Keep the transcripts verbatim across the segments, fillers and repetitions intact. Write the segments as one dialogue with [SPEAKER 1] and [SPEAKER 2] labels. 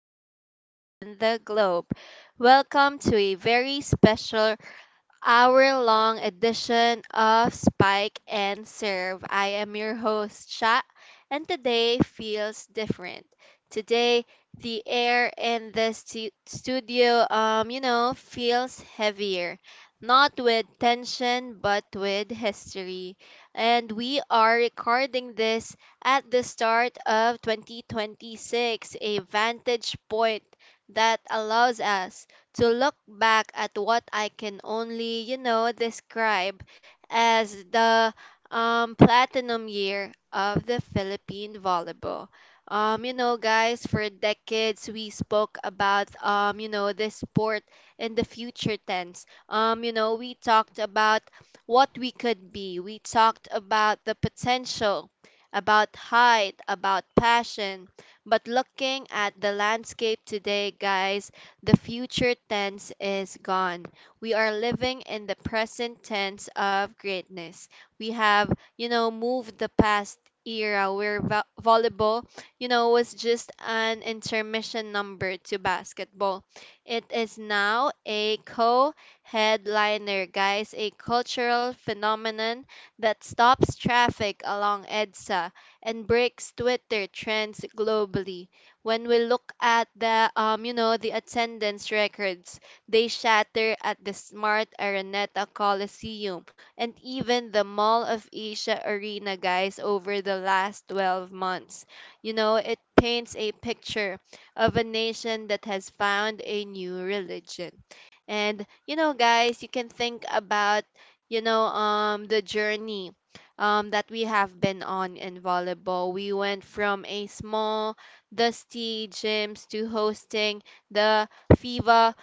[SPEAKER 1] archipelago and the globe. Welcome to a very special hour long edition of Spike and Serve. I am your host, Sha, and today feels different. Today, the air in the stu- studio, um, you know, feels heavier. Not with tension, but with history. And we are recording this at the start of twenty twenty-six, a vantage point that allows us to look back at what I can only, you know, describe as the um, platinum year of the Philippine volleyball. Um, you know, guys, for decades we spoke about, um, you know, this sport in the future tense. Um, you know, we talked about what we could be, we talked about the potential, about height, about passion. But looking at the landscape today, guys, the future tense is gone. We are living in the present tense of greatness. We have, you know, moved the past era where vo- volleyball, you know, was just an intermission number to basketball. It is now a co headliner, guys, a cultural phenomenon that stops traffic along E D S A and breaks Twitter trends globally. When we look at the um you know the attendance records, they shatter at the Smart Araneta Coliseum and even the Mall of Asia Arena, guys, over the last twelve months. You know, it paints a picture of a nation that has found a new religion. And, you know, guys, you can think about, you know um the journey um, that we have been on in volleyball. We went from a small dusty gyms to hosting the FIBA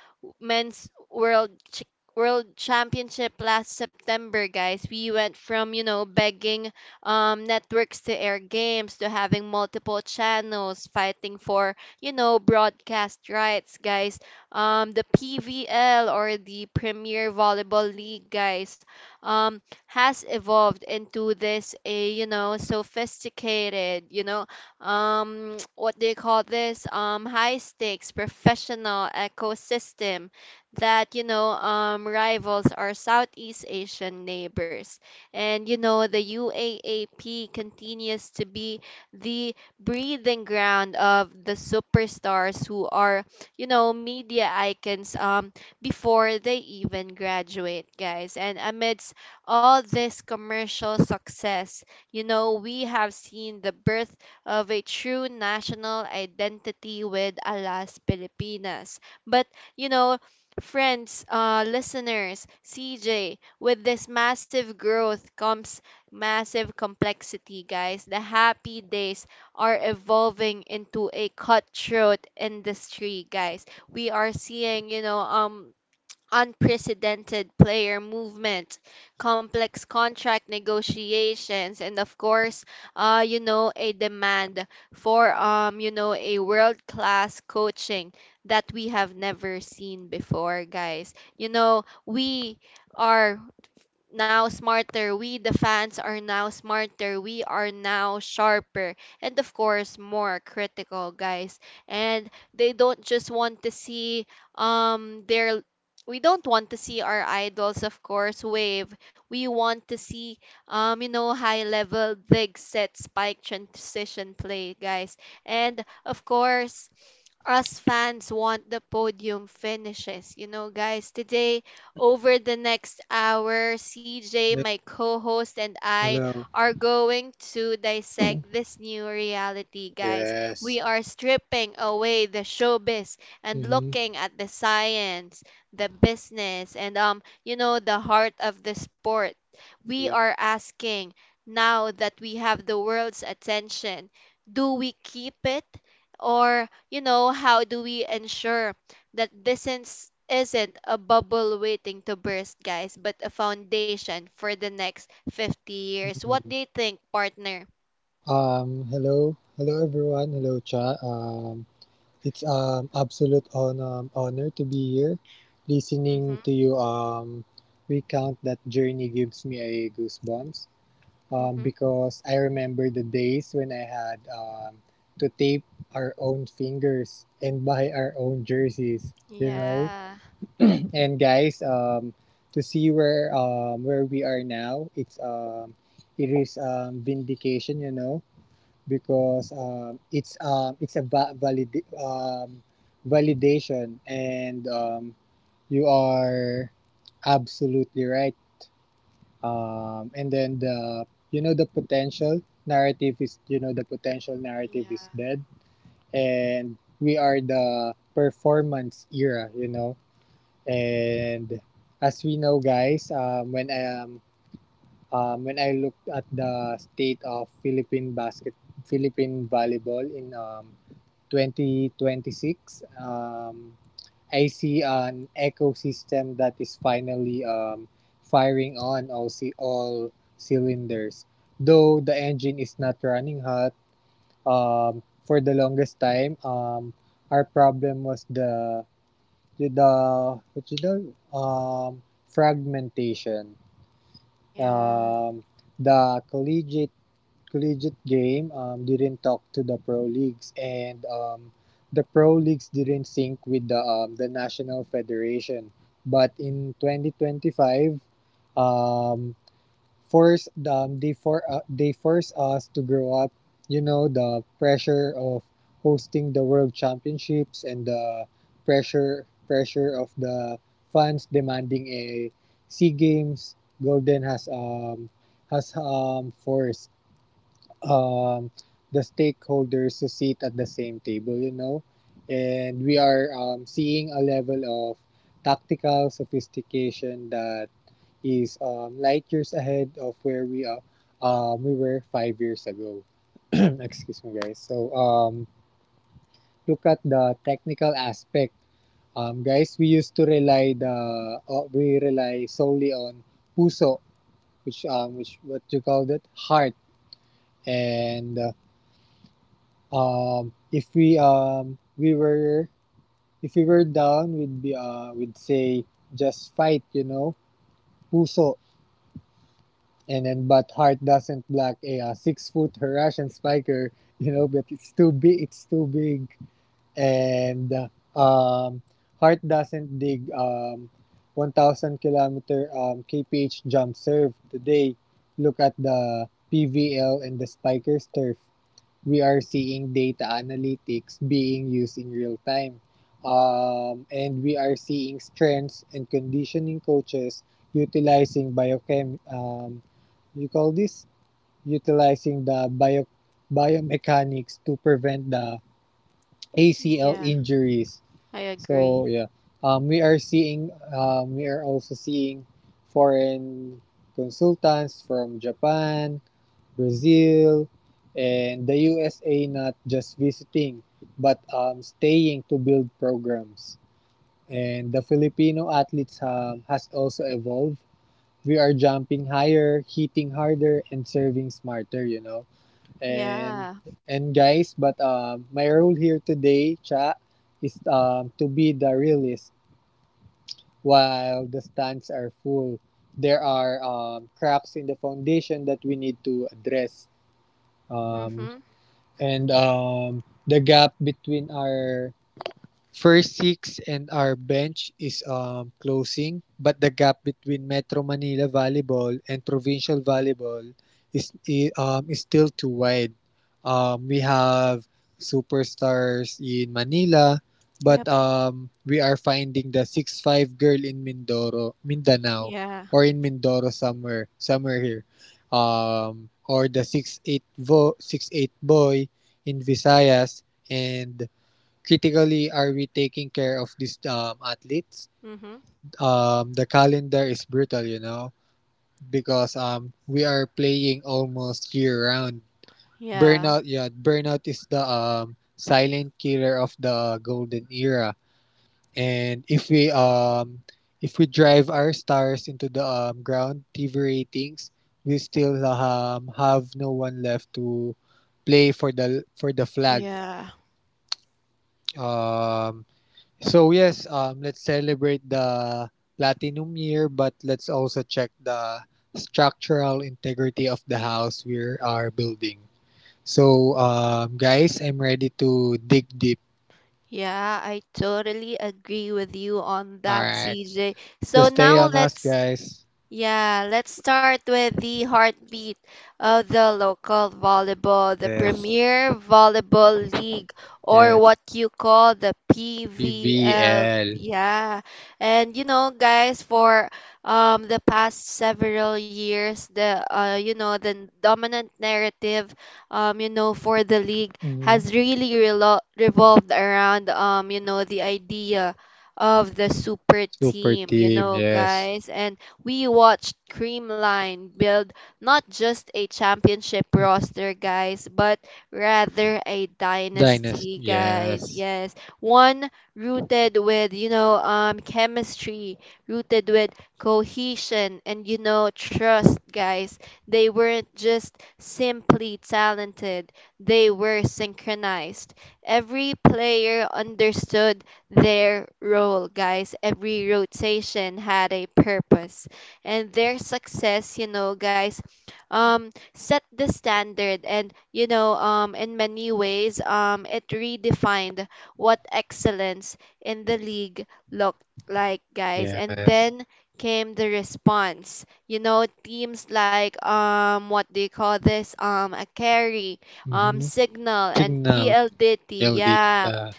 [SPEAKER 1] Men's World Ch- World Championship last September, guys. We went from, you know, begging um, networks to air games to having multiple channels fighting for, you know, broadcast rights, guys. Um, the P V L or the Premier Volleyball League, guys, um, has evolved into this, a, you know, sophisticated, you know, um what do you call this, um high stakes professional ecosystem that, you know um rivals our Southeast Asian neighbors. And, you know, the U A A P continues to be the breathing ground of the superstars who are, you know, media icons um before they even graduate, guys. And amidst all this commercial success, you know, we have seen the birth of a true national identity with Alas Pilipinas. But, you know, friends, uh, listeners, C J, with this massive growth comes massive complexity, guys. The happy days are evolving into a cutthroat industry, guys. We are seeing, you know, um unprecedented player movement, complex contract negotiations, and of course, uh, you know, a demand for, um, you know, a world class coaching that we have never seen before, guys. You know, we are now smarter. We, the fans, are now smarter. We are now sharper. And of course, more critical, guys. And they don't just want to see um their we don't want to see our idols of course wave, we want to see um you know, high level big set spike transition play, guys. And of course, us fans want the podium finishes. You know, guys, today over the next hour, C J,
[SPEAKER 2] Yeah,
[SPEAKER 1] my co host, and I
[SPEAKER 2] hello.
[SPEAKER 1] are going to dissect this new reality, guys. We
[SPEAKER 2] Yes.
[SPEAKER 1] are stripping away the showbiz and
[SPEAKER 2] Mm-hmm.
[SPEAKER 1] looking at the science, the business, and, um, you know, the heart of the sport. We
[SPEAKER 2] Yeah.
[SPEAKER 1] are asking, now that we have the world's attention, do we keep it? Or, you know, how do we ensure that this is, isn't a bubble waiting to burst, guys, but a foundation for the next fifty years. What
[SPEAKER 2] Mhm.
[SPEAKER 1] do you think, partner?
[SPEAKER 2] Um, hello, hello everyone. Hello, chat. Um, it's um absolute on um, honor to be here, listening
[SPEAKER 1] Mm-hmm.
[SPEAKER 2] to you um recount that journey gives me a goosebumps. Um,
[SPEAKER 1] Mm-hmm.
[SPEAKER 2] because I remember the days when I had um to tape our own fingers and buy our own jerseys. You know,
[SPEAKER 1] Yeah.
[SPEAKER 2] And guys, um, to see where um, where we are now, it's um, it is um, vindication, you know, because um, it's um, it's a va- valid um, validation, and um, you are absolutely right. Um, and then the you know the potential narrative is you know the potential narrative
[SPEAKER 1] Yeah.
[SPEAKER 2] is dead, and we are the performance era, you know And as we know, guys, um, when I um, um, when I looked at the state of Philippine basket, Philippine volleyball in um, twenty twenty-six, um, I see an ecosystem that is finally um, firing on all c- all cylinders. Though the engine is not running hot, um, for the longest time, um, our problem was the with the what you know um, fragmentation.
[SPEAKER 1] Yeah. Yeah.
[SPEAKER 2] Um, the collegiate collegiate game um, didn't talk to the pro leagues, and um, the pro leagues didn't sync with the um, the national federation. But in twenty twenty-five, um, force um, they for uh, they force us to grow up. You know, the pressure of hosting the world championships and the pressure pressure of the fans demanding a sea games golden has um has um forced um the stakeholders to sit at the same table. You know, and we are um, seeing a level of tactical sophistication that is um, light years ahead of where we are, um, we were five years ago. Excuse me, guys. So um, look at the technical aspect, um, guys. We used to rely the uh, we rely solely on puso, which um, which what you call that heart. And uh, um, if we um we were if we were down, we'd be uh, we'd say just fight, you know, puso. And then, but Hart doesn't block a, uh, six-foot Russian spiker, you know, but it's too big. It's too big, and uh, um, Hart doesn't dig um, one thousand kilometer um, kph jump serve today. Look at the P V L and the spiker's turf. We are seeing data analytics being used in real time. Um, and we are seeing strengths and conditioning coaches utilizing biochem um, you call this utilizing the bio biomechanics to prevent the A C L
[SPEAKER 1] Yeah.
[SPEAKER 2] injuries.
[SPEAKER 1] I
[SPEAKER 2] So
[SPEAKER 1] agree.
[SPEAKER 2] yeah, um, we are seeing um, we are also seeing foreign consultants from Japan, Brazil, and the U S A not just visiting but um, staying to build programs. And the Filipino athletes um, has also evolved. We are jumping higher, hitting harder, and serving smarter. You know, and
[SPEAKER 1] Yeah.
[SPEAKER 2] and guys, but um, my role here today, cha, is um, to be the realist while the stands are full. There are um, cracks in the foundation that we need to address. Um,
[SPEAKER 1] Mm-hmm.
[SPEAKER 2] and um, the gap between our First six and our bench is um, closing, but the gap between Metro Manila volleyball and provincial volleyball is i- um, is still too wide. Um, we have superstars in Manila,
[SPEAKER 1] Yep.
[SPEAKER 2] but um, we are finding the six five girl in Mindoro, Mindanao,
[SPEAKER 1] Yeah.
[SPEAKER 2] or in Mindoro somewhere, somewhere here, um, or the six eight vo six eight boy in Visayas. And critically, are we taking care of these um, athletes?
[SPEAKER 1] Mm-hmm.
[SPEAKER 2] Um, the calendar is brutal, you know, because um, we are playing almost year round.
[SPEAKER 1] Yeah.
[SPEAKER 2] Burnout, yeah, burnout is the um, silent killer of the golden era. And if we um, if we drive our stars into the um, ground, T V ratings, we still um, have no one left to play for the for the flag.
[SPEAKER 1] Yeah.
[SPEAKER 2] Um, So yes, um, let's celebrate the platinum year, but let's also check the structural integrity of the house we are building. So um, guys, I'm ready to dig deep.
[SPEAKER 1] Yeah, I totally agree with you on
[SPEAKER 2] All
[SPEAKER 1] that,
[SPEAKER 2] right,
[SPEAKER 1] C J. So
[SPEAKER 2] just stay
[SPEAKER 1] now
[SPEAKER 2] on us,
[SPEAKER 1] let's
[SPEAKER 2] guys.
[SPEAKER 1] Yeah, let's start with the heartbeat of the local volleyball, the
[SPEAKER 2] Yes,
[SPEAKER 1] Premier Volleyball League, or
[SPEAKER 2] yes.
[SPEAKER 1] what you call the P V L.
[SPEAKER 2] P V L.
[SPEAKER 1] Yeah. And you know, guys, for um the past several years, the uh you know, the dominant narrative, um you know, for the league
[SPEAKER 2] Mhm.
[SPEAKER 1] has really relo revolved around, um you know, the idea of the super
[SPEAKER 2] Super
[SPEAKER 1] team, you
[SPEAKER 2] team.
[SPEAKER 1] know,
[SPEAKER 2] Yes.
[SPEAKER 1] guys. And we watched Creamline build not just a championship
[SPEAKER 2] Mhm.
[SPEAKER 1] roster, guys, but rather a
[SPEAKER 2] Dynasty.
[SPEAKER 1] dynasty, guys.
[SPEAKER 2] Yes,
[SPEAKER 1] Yes, one rooted with, you know um chemistry, rooted with cohesion, and, you know, trust, guys. They weren't just simply talented; they were synchronized. Every player understood their role, guys. Every rotation had a purpose, and their success, you know, guys, um set the standard, and, you know um in many ways, um it redefined what excellence in the league looked like, guys. And
[SPEAKER 2] yes.
[SPEAKER 1] then came the response. You know, teams like, um what do you call this, um a carry, um
[SPEAKER 2] Mm-hmm.
[SPEAKER 1] signal, and
[SPEAKER 2] Signal
[SPEAKER 1] P L D T,
[SPEAKER 2] L D.
[SPEAKER 1] yeah,
[SPEAKER 2] Uh,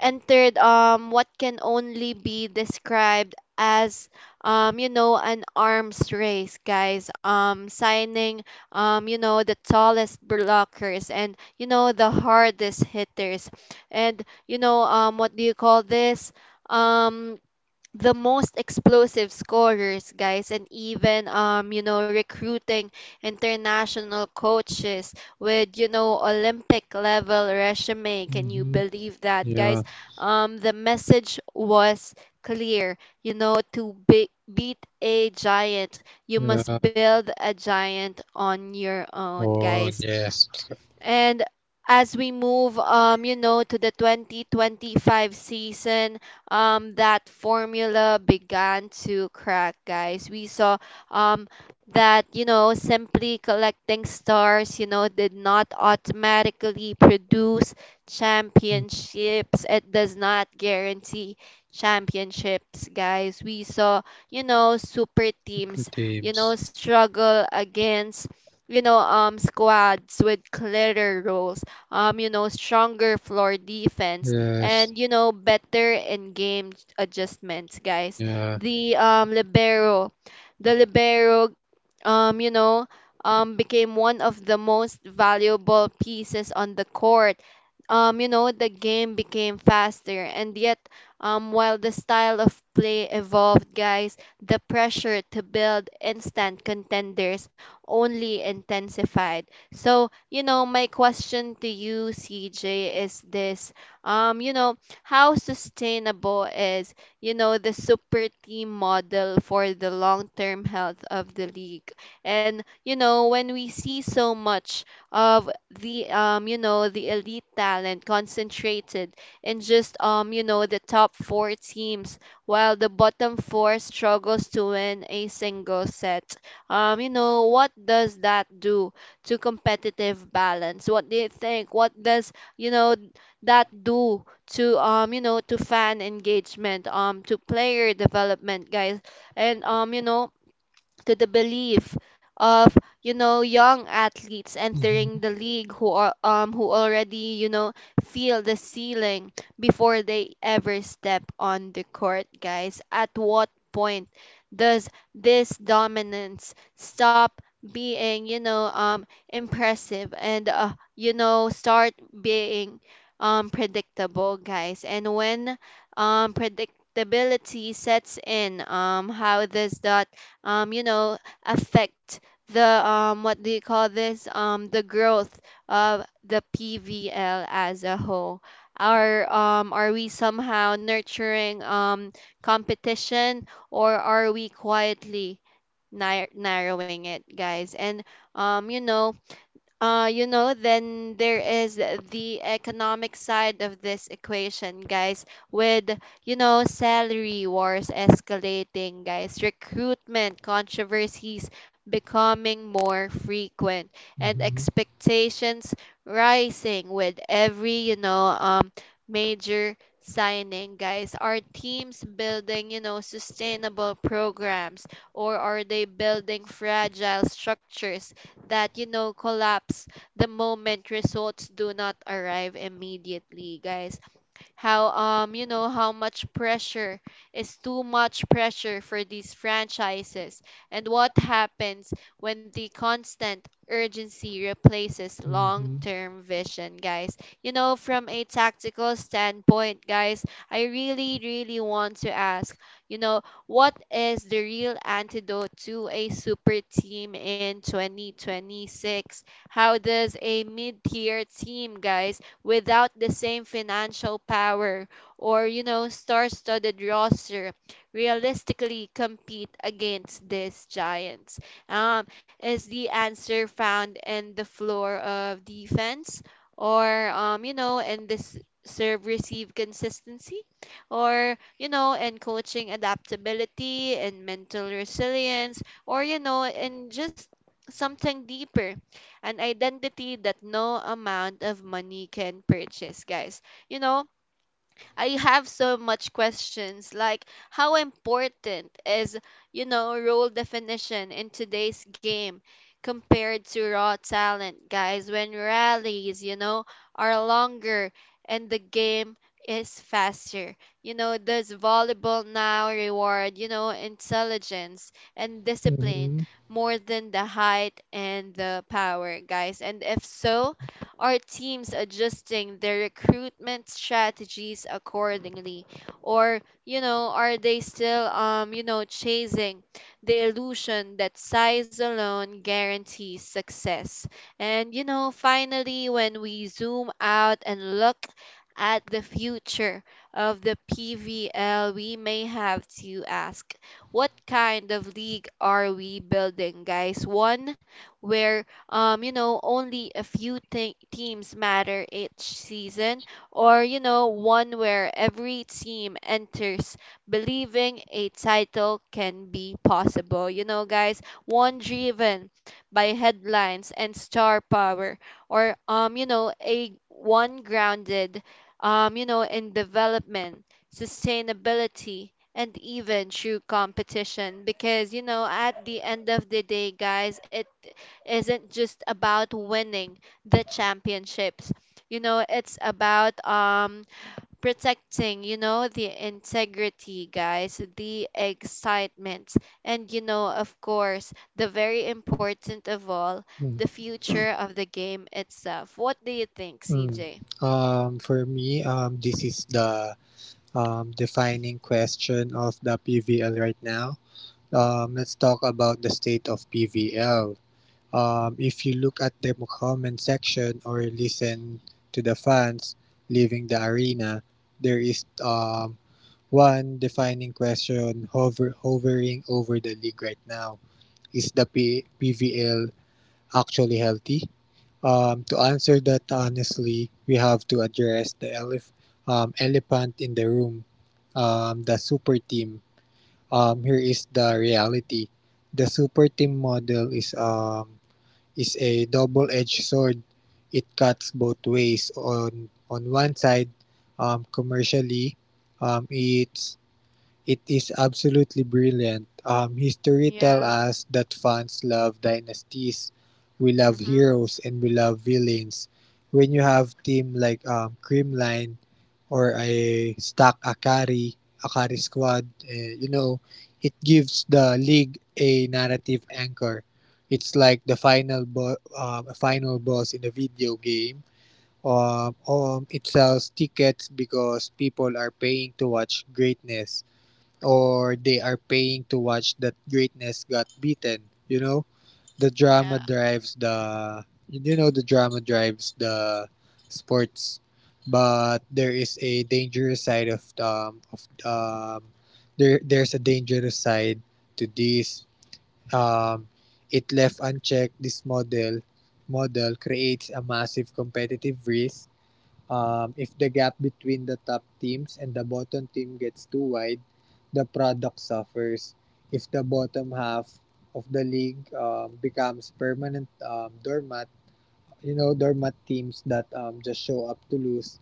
[SPEAKER 1] entered um what can only be described as, um you know, an arms race, guys, um signing, um you know, the tallest blockers, and, you know, the hardest hitters, and, you know um what do you call this, um the most explosive scorers, guys. And even, um you know, recruiting international coaches with, you know, Olympic level resume. Can you
[SPEAKER 2] mm-hmm.
[SPEAKER 1] believe that, guys?
[SPEAKER 2] Yeah,
[SPEAKER 1] Um the message was clear. You know, to be- beat a giant you must
[SPEAKER 2] yeah.
[SPEAKER 1] build a giant on your own,
[SPEAKER 2] Oh
[SPEAKER 1] guys.
[SPEAKER 2] yes.
[SPEAKER 1] And as we move, um, you know, to the twenty twenty-five season, um, that formula began to crack, guys. We saw um, that, you know, simply collecting stars, you know, did not automatically produce
[SPEAKER 2] Mm.
[SPEAKER 1] championships. It does not guarantee championships, guys. We saw, you know, super
[SPEAKER 2] Super
[SPEAKER 1] teams, you
[SPEAKER 2] teams.
[SPEAKER 1] know, struggle against, you know, um, squads with clearer roles, um, you know, stronger floor defense,
[SPEAKER 2] Yes,
[SPEAKER 1] and, you know, better in-game adjustments, guys.
[SPEAKER 2] yeah.
[SPEAKER 1] The um libero, the libero, um, you know, um, became one of the most valuable pieces on the court. Um, you know, the game became faster, and yet, um, while the style of play evolved, guys, the pressure to build instant contenders only intensified. So, you know, my question to you, C J, is this: um, you know, how sustainable is, you know, the super team model for the long term health of the league? And, you know, when we see so much of the, um, you know, the elite talent concentrated in just, um, you know, the top four teams while the bottom four struggles to win a single set, um, you know, what does that do to competitive balance? What do you think? What does, you know, that do to, um you know, to fan engagement, um to player development, guys? And, um you know, to the belief of, you know, young athletes
[SPEAKER 2] Mm-hmm,
[SPEAKER 1] entering the league who are, um who already, you know, feel the ceiling before they ever step on the court, guys. At what point does this dominance stop being, you know, um impressive and, uh, you know, start being um predictable, guys? And when um predictability sets in, um how does that, um you know, affect the, um what do you call this, um the growth of the P V L as a whole? Are um are we somehow nurturing um competition, or are we quietly nar- narrowing it, guys? And, um you know uh, you know, then there is the economic side of this equation, guys, with, you know, salary wars escalating, guys, recruitment controversies becoming more frequent, and
[SPEAKER 2] mm-hmm,
[SPEAKER 1] expectations rising with every, you know, um, major signing, guys. Are teams building, you know, sustainable programs, or are they building fragile structures that, you know, collapse the moment results do not arrive immediately, guys? How, um you know, how much pressure is too much pressure for these franchises, and what happens when the constant urgency replaces
[SPEAKER 2] mm-hmm,
[SPEAKER 1] long-term vision, guys? You know, from a tactical standpoint, guys, I really really want to ask, you know, what is the real antidote to a super team in twenty twenty-six? How does a mid-tier team, guys, without the same financial power or, you know, star studded roster realistically compete against these giants? Um, is the answer found in the floor of defense, or, um, you know, in this serve receive consistency? Or, you know, in coaching adaptability and mental resilience, or, you know, in just something deeper, an identity that no amount of money can purchase, guys. You know, I have so much questions like how important is, you know, role definition in today's game compared to raw talent, guys, when rallies, you know, are longer and the game is faster. You know, does volleyball now reward, you know, intelligence and discipline
[SPEAKER 2] mm-hmm.
[SPEAKER 1] more than the height and the power, guys? And if so, are teams adjusting their recruitment strategies accordingly? Or, you know, are they still, um, you know, chasing the illusion that size alone guarantees success? And, you know, finally, when we zoom out and look at the future of the P V L, we may have to ask what kind of league are we building, guys? One where um, you know, only a few te- teams matter each season, or, you know, one where every team enters believing a title can be possible. You know, guys, one driven by headlines and star power, or, um, you know, a one grounded, um, you know, in development, sustainability, and even true competition, because you know at the end of the day, guys, it isn't just about winning the championships. You know, it's about um, protecting, you know, the integrity, guys, the excitement, and, you know, of course, the very important of all, the
[SPEAKER 2] Mm,
[SPEAKER 1] future of the game itself. What do you think,
[SPEAKER 2] mm.
[SPEAKER 1] C J?
[SPEAKER 2] Um, for me, um, this is the um, defining question of the P V L right now. Um, let's talk about the state of P V L. Um, if you look at the comment section or listen to the fans leaving the arena, there is um, one defining question hover, hovering over the league right now. Is the P- PVL actually healthy? Um, to answer that honestly, we have to address the elef- um, elephant in the room, um, the super team. Um, here is the reality. The super team model is um, is a double-edged sword. It cuts both ways. On on one side, um, commercially, um, it's It is absolutely brilliant. Um, history tell
[SPEAKER 1] Yeah.
[SPEAKER 2] us that fans love dynasties. We love
[SPEAKER 1] Mhm.
[SPEAKER 2] heroes and we love villains. When you have team like um, Creamline or a stack Akari, Akari squad, eh, you know, it gives the league a narrative anchor. It's like the final bo- um, final boss in a video game. Um, um, it sells tickets because people are paying to watch greatness or they are paying to watch that greatness got beaten. You know, the drama
[SPEAKER 1] Yeah.
[SPEAKER 2] drives the you know the drama drives the sports, but there is a dangerous side of um of um there there's a dangerous side to this. um it left unchecked, this model model creates a massive competitive risk. Um, if the gap between the top teams and the bottom team gets too wide, the product suffers. If the bottom half of the league um, becomes permanent um, doormat, you know, doormat teams that um, just show up to lose,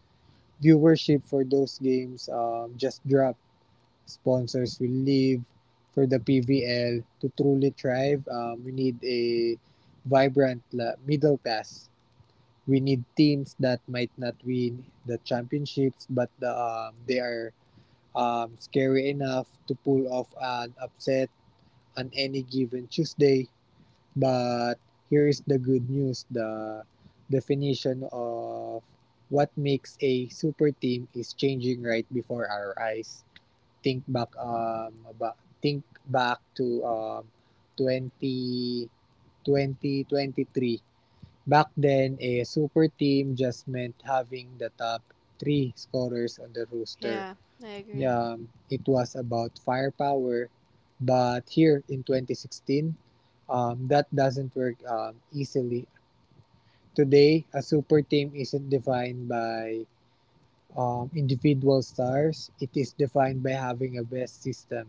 [SPEAKER 2] viewership for those games um, just drop. Sponsors will leave. For the P V L to truly thrive, um, we need a vibrant la- middle class. We need teams that might not win the championships, but the, um, they are um, scary enough to pull off an upset on any given Tuesday. But here is the good news. The definition of what makes a super team is changing right before our eyes. Think back um about, think back to um twenty twenty twenty three. Back then, a super team just meant having the top three scorers on the roster.
[SPEAKER 1] Yeah, I agree.
[SPEAKER 2] Um, it was about firepower, but here in twenty sixteen, um, that doesn't work um, easily. Today, a super team isn't defined by um, individual stars, it is defined by having a best system.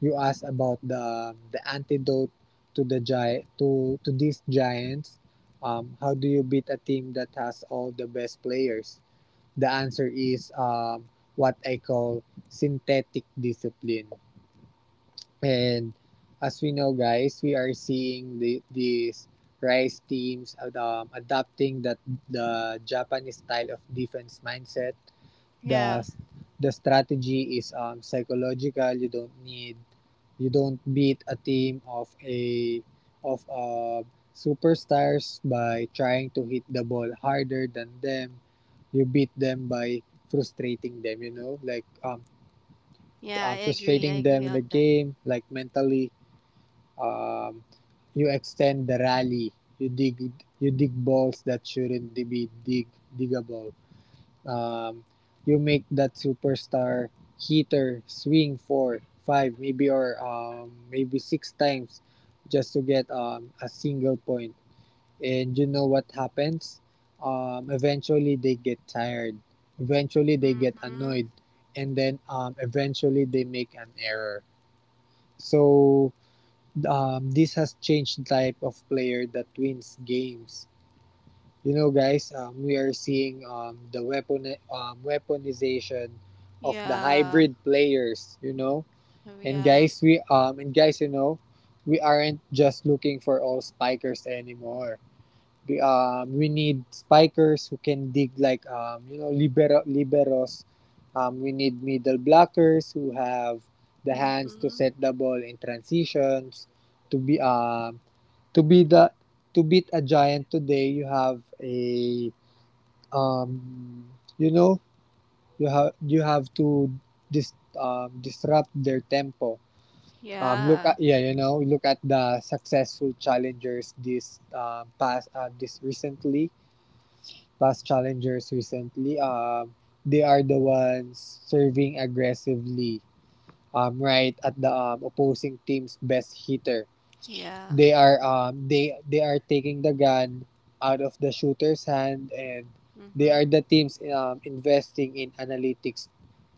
[SPEAKER 2] You asked about the um, the antidote to the giant to to these giants. Um, how do you beat a team that has all the best players? The answer is um, what I call synthetic discipline. And as we know, guys, we are seeing the, these rice teams um, adopting that the Japanese style of defense mindset. the
[SPEAKER 1] Yeah.
[SPEAKER 2] the strategy is um, psychological. You don't need you don't beat a team of a of uh, superstars by trying to hit the ball harder than them. You beat them by frustrating them, you know, like um, um
[SPEAKER 1] Yeah, I agree.
[SPEAKER 2] frustrating
[SPEAKER 1] I
[SPEAKER 2] them in
[SPEAKER 1] agree
[SPEAKER 2] the
[SPEAKER 1] on that.
[SPEAKER 2] game, like, mentally. um you extend the rally. You dig you dig balls that shouldn't be dig diggable. um, you make that superstar hitter swing four, five, maybe, or um, maybe six times just to get um, a single point. And you know what happens? Um, eventually they get tired. Eventually they get annoyed,
[SPEAKER 1] Mm-hmm.
[SPEAKER 2] and then um, eventually they make an error. So um, this has changed the type of player that wins games. You know, guys, um, we are seeing um, the weapon um, weaponization of the
[SPEAKER 1] Yeah.
[SPEAKER 2] hybrid players. You know, and
[SPEAKER 1] Yeah.
[SPEAKER 2] guys, we um, and guys, you know, we aren't just looking for all spikers anymore. We, um, we need spikers who can dig like um, you know libero liberos. Um, we need middle blockers who have the hands to
[SPEAKER 1] Mm-hmm.
[SPEAKER 2] set the ball in transitions. To be um, to be the to beat a giant today, you have a um, you know, you have you have to dis- um, disrupt their tempo. Um, look at
[SPEAKER 1] Yeah.
[SPEAKER 2] yeah, you know, look at the successful challengers this um past uh, this recently past challengers recently. Um, they are the ones serving aggressively. Um, right at the um, opposing team's best hitter.
[SPEAKER 1] Yeah.
[SPEAKER 2] They are um they they are taking the gun out of the shooter's hand. And they are
[SPEAKER 1] Mm-hmm.
[SPEAKER 2] the teams um, investing in analytics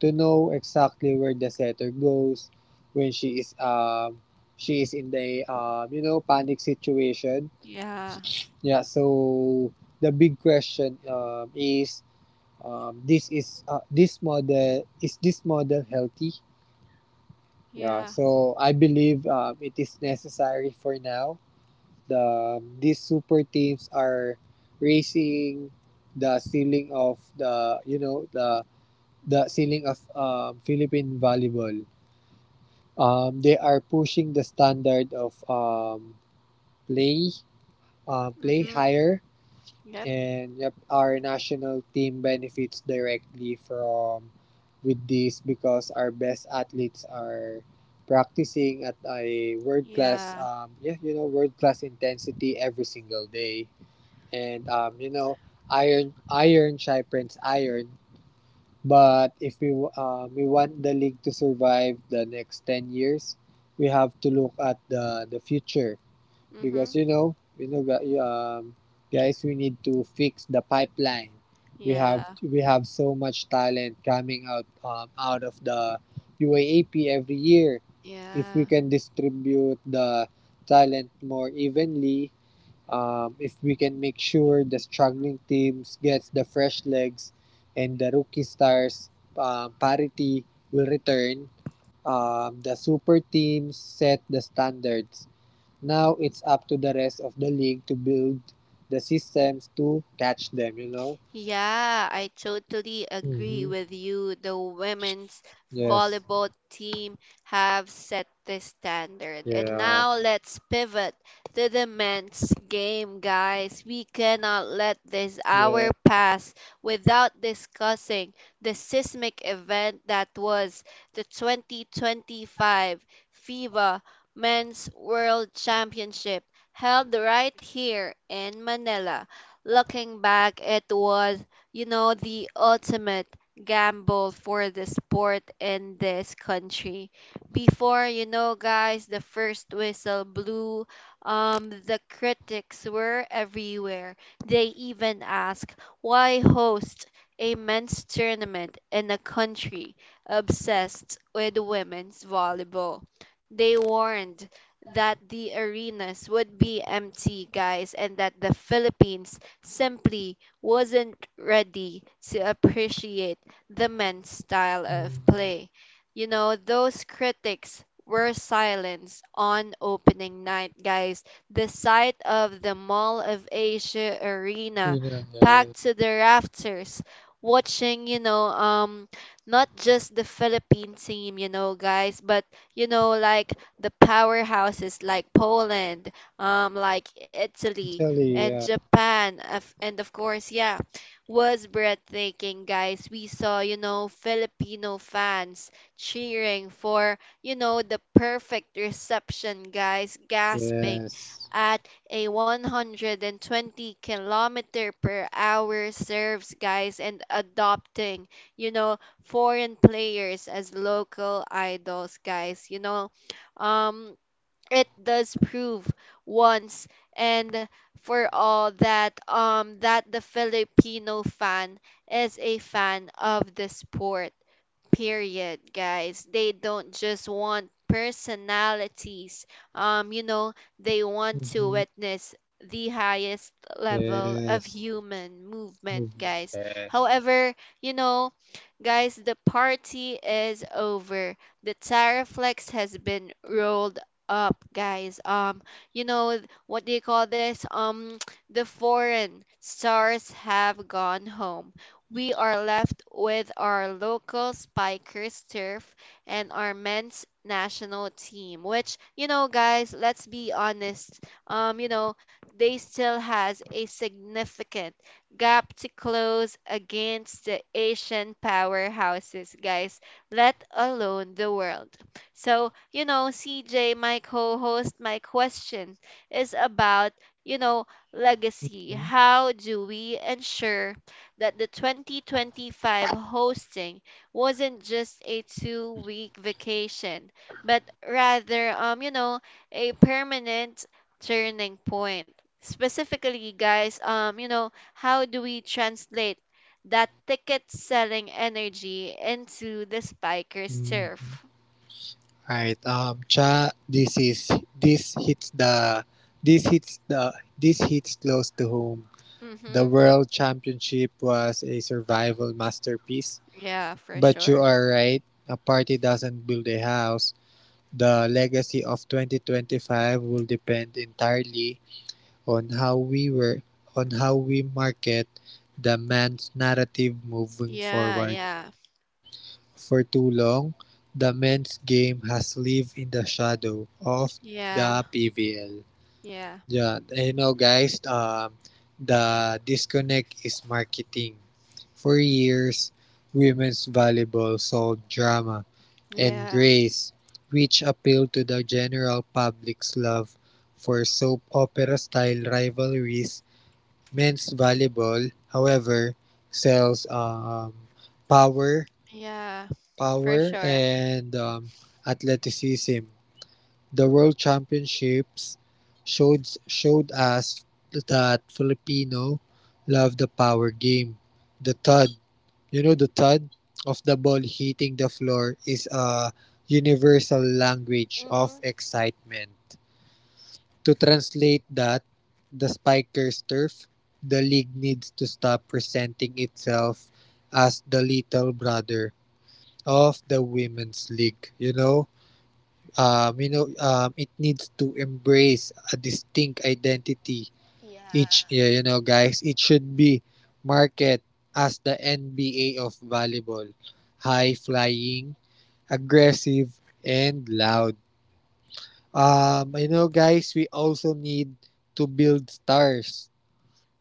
[SPEAKER 2] to know exactly where the setter goes when she is um she is in the um you know panic situation.
[SPEAKER 1] Yeah.
[SPEAKER 2] Yeah, so the big question um, is, um, this is uh, this model is this model healthy? Yeah,
[SPEAKER 1] Yeah.
[SPEAKER 2] so I believe um, it is necessary for now. The these super teams are raising the ceiling of the you know the the ceiling of um, Philippine volleyball. Um, they are pushing the standard of um, play uh, play
[SPEAKER 1] Mm-hmm.
[SPEAKER 2] higher, and yep, our national team benefits directly from with this because our best athletes are practicing at a world class
[SPEAKER 1] Yeah.
[SPEAKER 2] um yeah you know world class intensity every single day. And um, you know iron iron sharpens iron. But if we w- um, we want the league to survive the next 10 years, we have to look at the the future. because
[SPEAKER 1] Mm-hmm.
[SPEAKER 2] you know you know gu- um, guys, we need to fix the pipeline. we have
[SPEAKER 1] Yeah.
[SPEAKER 2] we have so much talent coming out um, out of the U A A P every year. If we
[SPEAKER 1] Yeah.
[SPEAKER 2] can distribute the talent more evenly, um, if we can make sure the struggling teams gets the fresh legs and the rookie stars, uh, parity will return. Um, the super teams set the standards. Now it's up to the rest of the league to build the systems to catch them, you know?
[SPEAKER 1] Yeah, I totally agree
[SPEAKER 2] Mm-hmm.
[SPEAKER 1] with you. The women's
[SPEAKER 2] Yes.
[SPEAKER 1] volleyball team have set the standard. And
[SPEAKER 2] Yeah.
[SPEAKER 1] now let's pivot to the men's game, guys. We cannot let this
[SPEAKER 2] Yeah.
[SPEAKER 1] hour pass without discussing the seismic event that was the twenty twenty-five FIBA Men's World Championship held right here in Manila. Looking back, it was, you know, the ultimate gamble for the sport in this country. Before, you know, guys, the first whistle blew, um, the critics were everywhere. They even asked, why host a men's tournament in a country obsessed with women's volleyball? They warned that the arenas would be empty, guys, and that the Philippines simply wasn't ready to appreciate the men's style of
[SPEAKER 2] Mm.
[SPEAKER 1] play. You know, those critics were silenced on opening night, guys. The sight of the Mall of Asia
[SPEAKER 2] You
[SPEAKER 1] arena
[SPEAKER 2] know, yeah.
[SPEAKER 1] packed to the rafters, watching, you know, um, not just the Philippine team, you know, guys, but you know, like the powerhouses like Poland, um, like Italy,
[SPEAKER 2] Italy,
[SPEAKER 1] and
[SPEAKER 2] yeah.
[SPEAKER 1] Japan. of- And of course, yeah, was breathtaking, guys. We saw, you know, Filipino fans cheering for, you know, the perfect reception, guys, gasping
[SPEAKER 2] Yes.
[SPEAKER 1] at a one hundred twenty kilometer per hour serves, guys, and adopting you know foreign players as local idols, guys. you know um it does prove once and for all that um that the Filipino fan is a fan of the sport. Period, guys. They don't just want personalities. Um, you know, they want to
[SPEAKER 2] Mm-hmm.
[SPEAKER 1] witness the highest level of
[SPEAKER 2] Yes.
[SPEAKER 1] human movement,
[SPEAKER 2] Movement.
[SPEAKER 1] guys.
[SPEAKER 2] Yes.
[SPEAKER 1] However, you know, guys, the party is over. The Tariflex has been rolled up, guys. Um, you know th- what do you call this? Um, the foreign stars have gone home. We are left with our local spikers turf and our men's national team, which, you know, guys, let's be honest, Um, you know, they still has a significant gap to close against the Asian powerhouses, guys. Let alone the world. So, you know, C J, my co host, my question is about, you know, legacy. How do we ensure that the twenty twenty-five hosting wasn't just a two week vacation, but rather, um, you know, a permanent turning point? Specifically, guys, um, you know, how do we translate that ticket selling energy into the spiker's
[SPEAKER 2] Mm-hmm.
[SPEAKER 1] turf?
[SPEAKER 2] Right. Um. Cha, This is this hits the this hits the this hits close to home. The
[SPEAKER 1] Mm-hmm.
[SPEAKER 2] World Championship was a survival masterpiece.
[SPEAKER 1] Yeah, for
[SPEAKER 2] But you
[SPEAKER 1] sure.
[SPEAKER 2] are right. A party doesn't build a house. The legacy of twenty twenty-five will depend entirely on how we were on how we market the man's narrative moving
[SPEAKER 1] Yeah,
[SPEAKER 2] forward.
[SPEAKER 1] yeah,
[SPEAKER 2] For too long, the men's game has lived in the shadow of
[SPEAKER 1] yeah,
[SPEAKER 2] the P V L.
[SPEAKER 1] yeah,
[SPEAKER 2] Yeah, you know, guys, um, the disconnect is marketing. For years, women's volleyball sold drama and
[SPEAKER 1] yeah,
[SPEAKER 2] grace, which appealed to the general public's love for soap opera style rivalries. Men's volleyball, however, sells um, power,
[SPEAKER 1] yeah, for
[SPEAKER 2] power
[SPEAKER 1] sure.
[SPEAKER 2] and um, athleticism. The World Championships showed showed us that Filipino love the power game. The thud, you know, the thud of the ball hitting the floor is a universal language
[SPEAKER 1] Mm-hmm.
[SPEAKER 2] of excitement. To translate that, the Spikers turf, the league needs to stop presenting itself as the little brother of the women's league. You know um, you know um, it needs to embrace a distinct identity.
[SPEAKER 1] Yeah,
[SPEAKER 2] Each, yeah, you know guys, it should be marketed as the N B A of volleyball — high flying, aggressive, and loud. Um you know guys, we also need to build stars.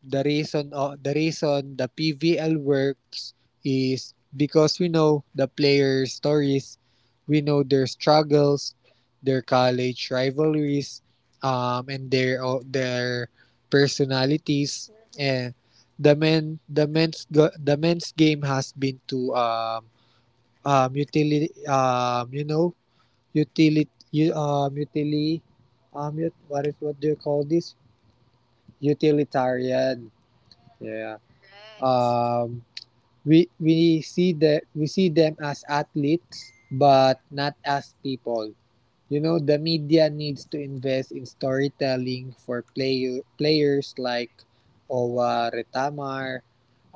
[SPEAKER 2] The reason uh, the reason the P V L works is because we know the players' stories, we know their struggles, their college rivalries, um, and their uh, their personalities. And the men the men's go- the men's game has been to um um utility um you know utility um utility um ut- what is what do you call this utilitarian. Yeah.
[SPEAKER 1] correct.
[SPEAKER 2] Um, we we see that we see them as athletes but not as people. You know, the media needs to invest in storytelling for player, players like Owa Retamar,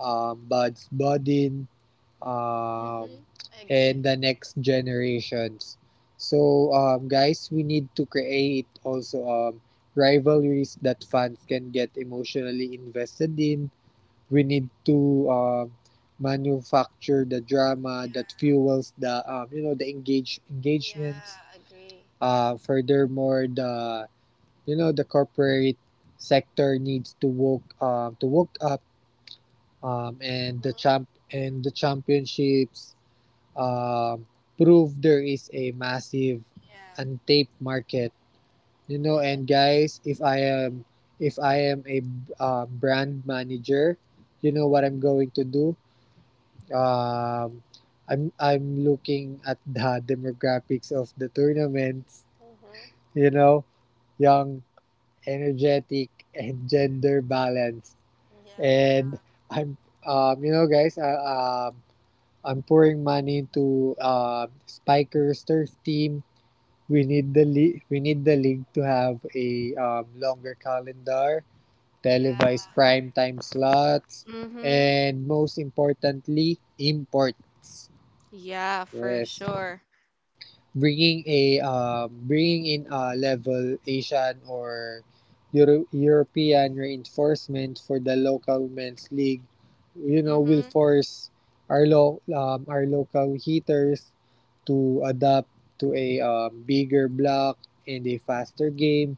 [SPEAKER 2] um, Buds Bodin,
[SPEAKER 1] Mm-hmm.
[SPEAKER 2] um,
[SPEAKER 1] I agree.
[SPEAKER 2] and the next generations. So, um, guys, we need to create also um, rivalries that fans can get emotionally invested in. We need to um, manufacture the drama that
[SPEAKER 1] Yeah,
[SPEAKER 2] fuels the um, you know the engage
[SPEAKER 1] yeah,
[SPEAKER 2] engagements
[SPEAKER 1] agree.
[SPEAKER 2] uh, Furthermore, the you know the corporate sector needs to woke um, to woke up, um, and the
[SPEAKER 1] Mm-hmm.
[SPEAKER 2] champ and the championships um, prove there is a massive
[SPEAKER 1] Yeah,
[SPEAKER 2] untapped market. You
[SPEAKER 1] I
[SPEAKER 2] know,
[SPEAKER 1] ag-
[SPEAKER 2] and guys, if i am if I am a um, brand manager, you know what I'm going to do? Um, I'm I'm looking at the demographics of the tournaments — you know, young, energetic, and gender balanced.
[SPEAKER 1] yeah,
[SPEAKER 2] And I'm um, you know, guys, I, um, I'm pouring money into uh, Spiker's turf team. We need the league. We need the league to have a um, longer calendar,
[SPEAKER 1] yeah.
[SPEAKER 2] televised prime time slots,
[SPEAKER 1] Mm-hmm.
[SPEAKER 2] and most importantly, imports.
[SPEAKER 1] Yeah, for
[SPEAKER 2] Yes.
[SPEAKER 1] sure.
[SPEAKER 2] Bringing a um, bringing in a level Asian or Euro- European reinforcement for the local men's league, you know,
[SPEAKER 1] Mm-hmm.
[SPEAKER 2] will force our lo- um, our local hitters to adapt to a um, bigger block and a faster game,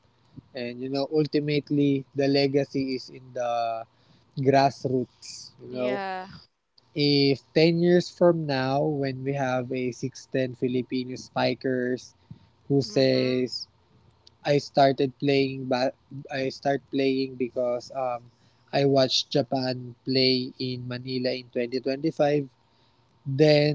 [SPEAKER 2] and you know, ultimately the legacy is in the grassroots, you know.
[SPEAKER 1] Yeah.
[SPEAKER 2] If ten years from now, when we have a six ten Filipino spikers who
[SPEAKER 1] Mm-hmm.
[SPEAKER 2] says, I started playing but I start playing because um I watched Japan play in Manila in twenty twenty-five," then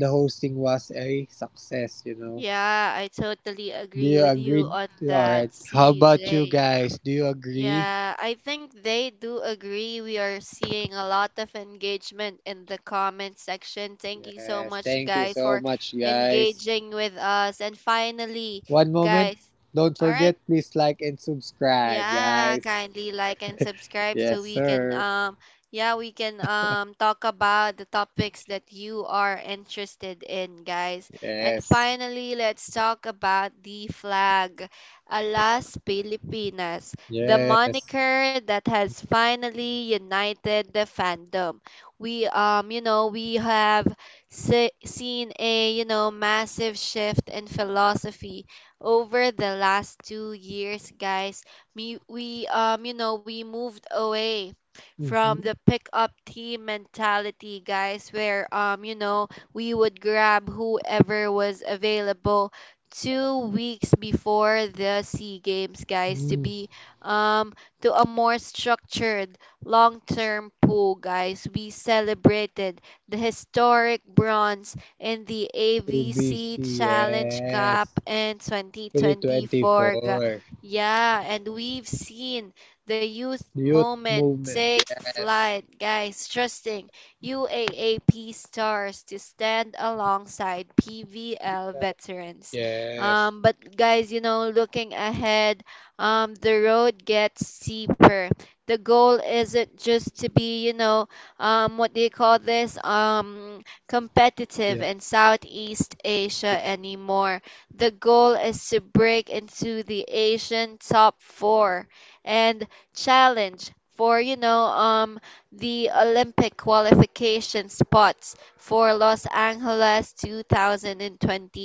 [SPEAKER 2] the hosting was a success, you know?
[SPEAKER 1] Yeah, I totally
[SPEAKER 2] Do
[SPEAKER 1] agree
[SPEAKER 2] you
[SPEAKER 1] with you
[SPEAKER 2] agree?
[SPEAKER 1] on
[SPEAKER 2] All
[SPEAKER 1] that,
[SPEAKER 2] right, how about
[SPEAKER 1] C J.
[SPEAKER 2] you guys? Do you agree?
[SPEAKER 1] Yeah, I think they do agree. We are seeing a lot of engagement in the comment section. Thank you so
[SPEAKER 2] Yes,
[SPEAKER 1] much,
[SPEAKER 2] thank you
[SPEAKER 1] guys,
[SPEAKER 2] so
[SPEAKER 1] for
[SPEAKER 2] much, guys.
[SPEAKER 1] engaging with us. And finally,
[SPEAKER 2] One moment.
[SPEAKER 1] guys,
[SPEAKER 2] Don't
[SPEAKER 1] all
[SPEAKER 2] forget,
[SPEAKER 1] right.
[SPEAKER 2] please like and subscribe,
[SPEAKER 1] Yeah,
[SPEAKER 2] guys.
[SPEAKER 1] kindly like and subscribe
[SPEAKER 2] Yes,
[SPEAKER 1] so we can
[SPEAKER 2] sir.
[SPEAKER 1] um yeah, we can um talk about the topics that you are interested in, guys. And
[SPEAKER 2] Yes.
[SPEAKER 1] finally, let's talk about the flag. Alas Pilipinas, the
[SPEAKER 2] Yes.
[SPEAKER 1] moniker that has finally united the fandom. We um you know we have se- seen a you know massive shift in philosophy over the last two years, guys. We we um you know we moved away from
[SPEAKER 2] Mhm.
[SPEAKER 1] the pick up team mentality, guys, where um you know we would grab whoever was available two weeks before the sea games, guys, to
[SPEAKER 2] Mm.
[SPEAKER 1] be, um, to a more structured long term pool, guys. We celebrated the historic bronze in the
[SPEAKER 2] A B C,
[SPEAKER 1] A V C Challenge
[SPEAKER 2] yes.
[SPEAKER 1] Cup in twenty twenty-four. ga-
[SPEAKER 2] twenty twenty-four.
[SPEAKER 1] Yeah, and we've seen the youth
[SPEAKER 2] Youth
[SPEAKER 1] moment
[SPEAKER 2] movement,
[SPEAKER 1] take
[SPEAKER 2] yes.
[SPEAKER 1] flight, guys, trusting U A A P stars to stand alongside P V L veterans.
[SPEAKER 2] Yes.
[SPEAKER 1] Um, but guys, you know, looking ahead, um, the road gets steeper. The goal isn't just to be, you know, um, what do you call this, Um, competitive
[SPEAKER 2] Yeah.
[SPEAKER 1] in Southeast Asia
[SPEAKER 2] Page
[SPEAKER 1] anymore. The goal is to break into the Asian top four and challenge for, you know, um, the Olympic qualification spots for Los Angeles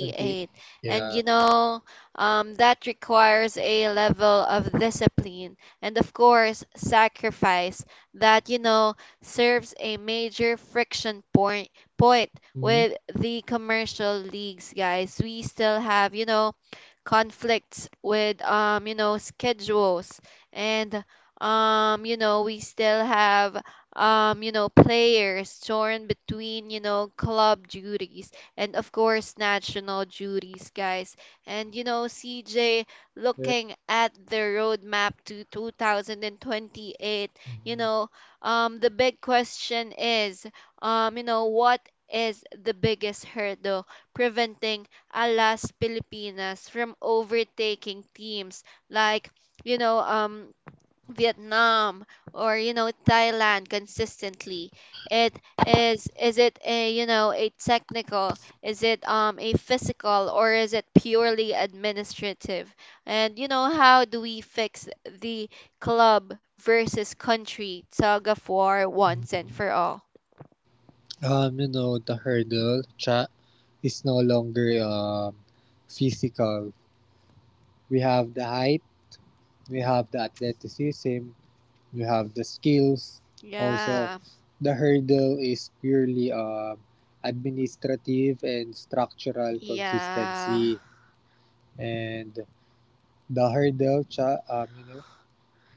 [SPEAKER 2] twenty-eight.
[SPEAKER 1] And,
[SPEAKER 2] Yeah.
[SPEAKER 1] you know, um, that requires a level of discipline and, of course, sacrifice that, you know, serves a major friction point, point
[SPEAKER 2] Mhm.
[SPEAKER 1] with the commercial leagues, guys. We still have, you know, conflicts with, um, you know, schedules, and um you know we still have um you know players torn between you know club duties and of course national duties, guys. And you know, C J,
[SPEAKER 2] Yeah.
[SPEAKER 1] looking at the roadmap to two thousand twenty-eight, you know, um, the big question is, um, you know, what is the biggest hurdle preventing Alas Pilipinas from overtaking teams like you know um Vietnam or you know Thailand consistently? It is is it a you know a technical? Is it um a physical, or is it purely administrative? And you know how do we fix the club versus country tug of war once and for all?
[SPEAKER 2] Um, you know, the hurdle track is no longer um, physical. We have the height, we have the athleticism, we have the skills. Also,
[SPEAKER 1] Yeah,
[SPEAKER 2] the hurdle is purely um, administrative and structural
[SPEAKER 1] yeah,
[SPEAKER 2] consistency. And the hurdle, Cha, um, you know,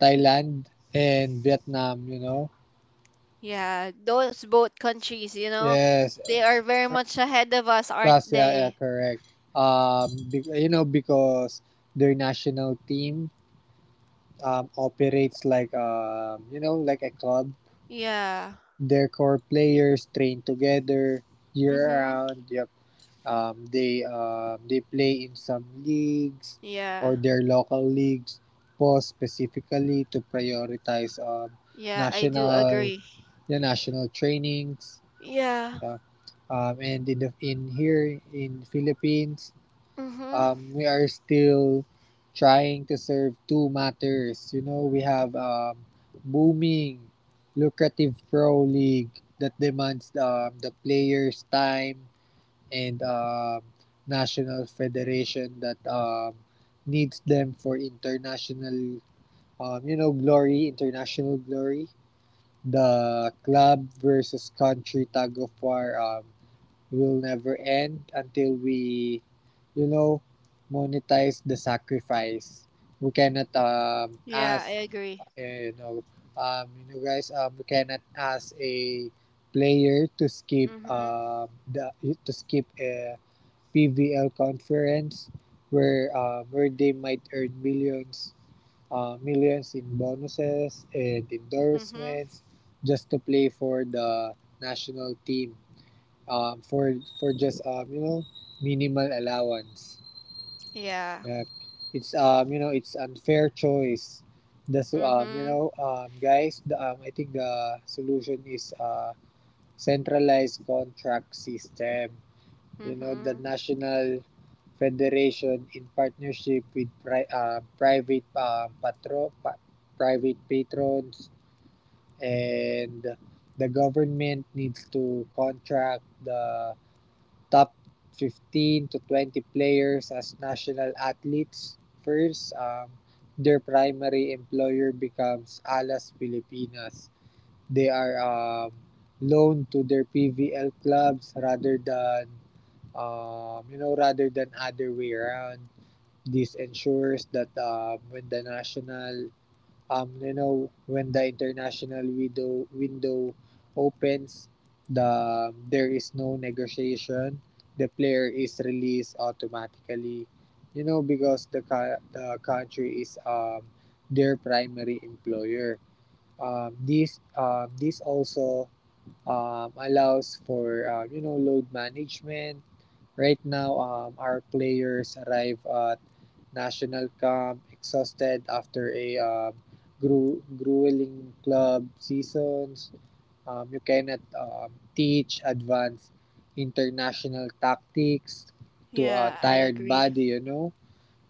[SPEAKER 2] Thailand and Vietnam, you know.
[SPEAKER 1] yeah. Those both countries, you know,
[SPEAKER 2] Yes,
[SPEAKER 1] they are very much ahead of us,
[SPEAKER 2] plus
[SPEAKER 1] aren't
[SPEAKER 2] yeah, yeah,
[SPEAKER 1] they?
[SPEAKER 2] correct. Um, be, you know, because their national team um operates like, um, you know, like a club.
[SPEAKER 1] Yeah.
[SPEAKER 2] Their core players train together year
[SPEAKER 1] Mhm.
[SPEAKER 2] round. Yep. Um, they um, they play in some leagues,
[SPEAKER 1] Yeah.
[SPEAKER 2] or their local leagues, post specifically to prioritize um
[SPEAKER 1] Yeah, I do
[SPEAKER 2] national
[SPEAKER 1] agree.
[SPEAKER 2] the national trainings.
[SPEAKER 1] Yeah.
[SPEAKER 2] Yeah. Um, and in the, in here in Philippines,
[SPEAKER 1] Mhm.
[SPEAKER 2] um, we are still trying to serve two matters. You know, we have um, booming, lucrative pro league that demands um, the players' time, and um, national federation that um, needs them for international, um, you know, glory, international glory. The club versus country tug of war um, will never end until we, you know, monetize the sacrifice. We cannot um,
[SPEAKER 1] Yeah, I
[SPEAKER 2] ask,
[SPEAKER 1] agree.
[SPEAKER 2] you know, um, you know guys, um, we cannot ask a player to skip
[SPEAKER 1] Mhm.
[SPEAKER 2] um, the to skip a P V L conference where um, where they might earn millions uh, millions in bonuses and
[SPEAKER 1] Mhm.
[SPEAKER 2] endorsements, just to play for the national team um, for for just um, you know minimal allowance.
[SPEAKER 1] Yeah.
[SPEAKER 2] Yeah. It's um you know it's unfair choice. The so- um you
[SPEAKER 1] Mhm.
[SPEAKER 2] know um Guys, the, um I think the solution is uh centralized contract system. You know, the
[SPEAKER 1] Mhm.
[SPEAKER 2] National Federation, in partnership with pri- uh, private uh, patro- pa- private patrons and the government, needs to contract the top fifteen to twenty players as national athletes first. Um, their primary employer becomes Alas Pilipinas. They are um, loaned to their P V L clubs, rather than um, you know rather than other way around. This ensures that um, when the national um, you know when the international window window opens, the um, there is no negotiation. The player is released automatically, you know, because the the country is um, their primary employer. Um, this um, this also um, allows for uh, you know, load management. Right now, um, our players arrive at national camp exhausted after a um, gru- grueling club seasons. Um, you cannot um, teach advanced international tactics to a
[SPEAKER 1] Yeah, I
[SPEAKER 2] tired
[SPEAKER 1] agree.
[SPEAKER 2] body. You know,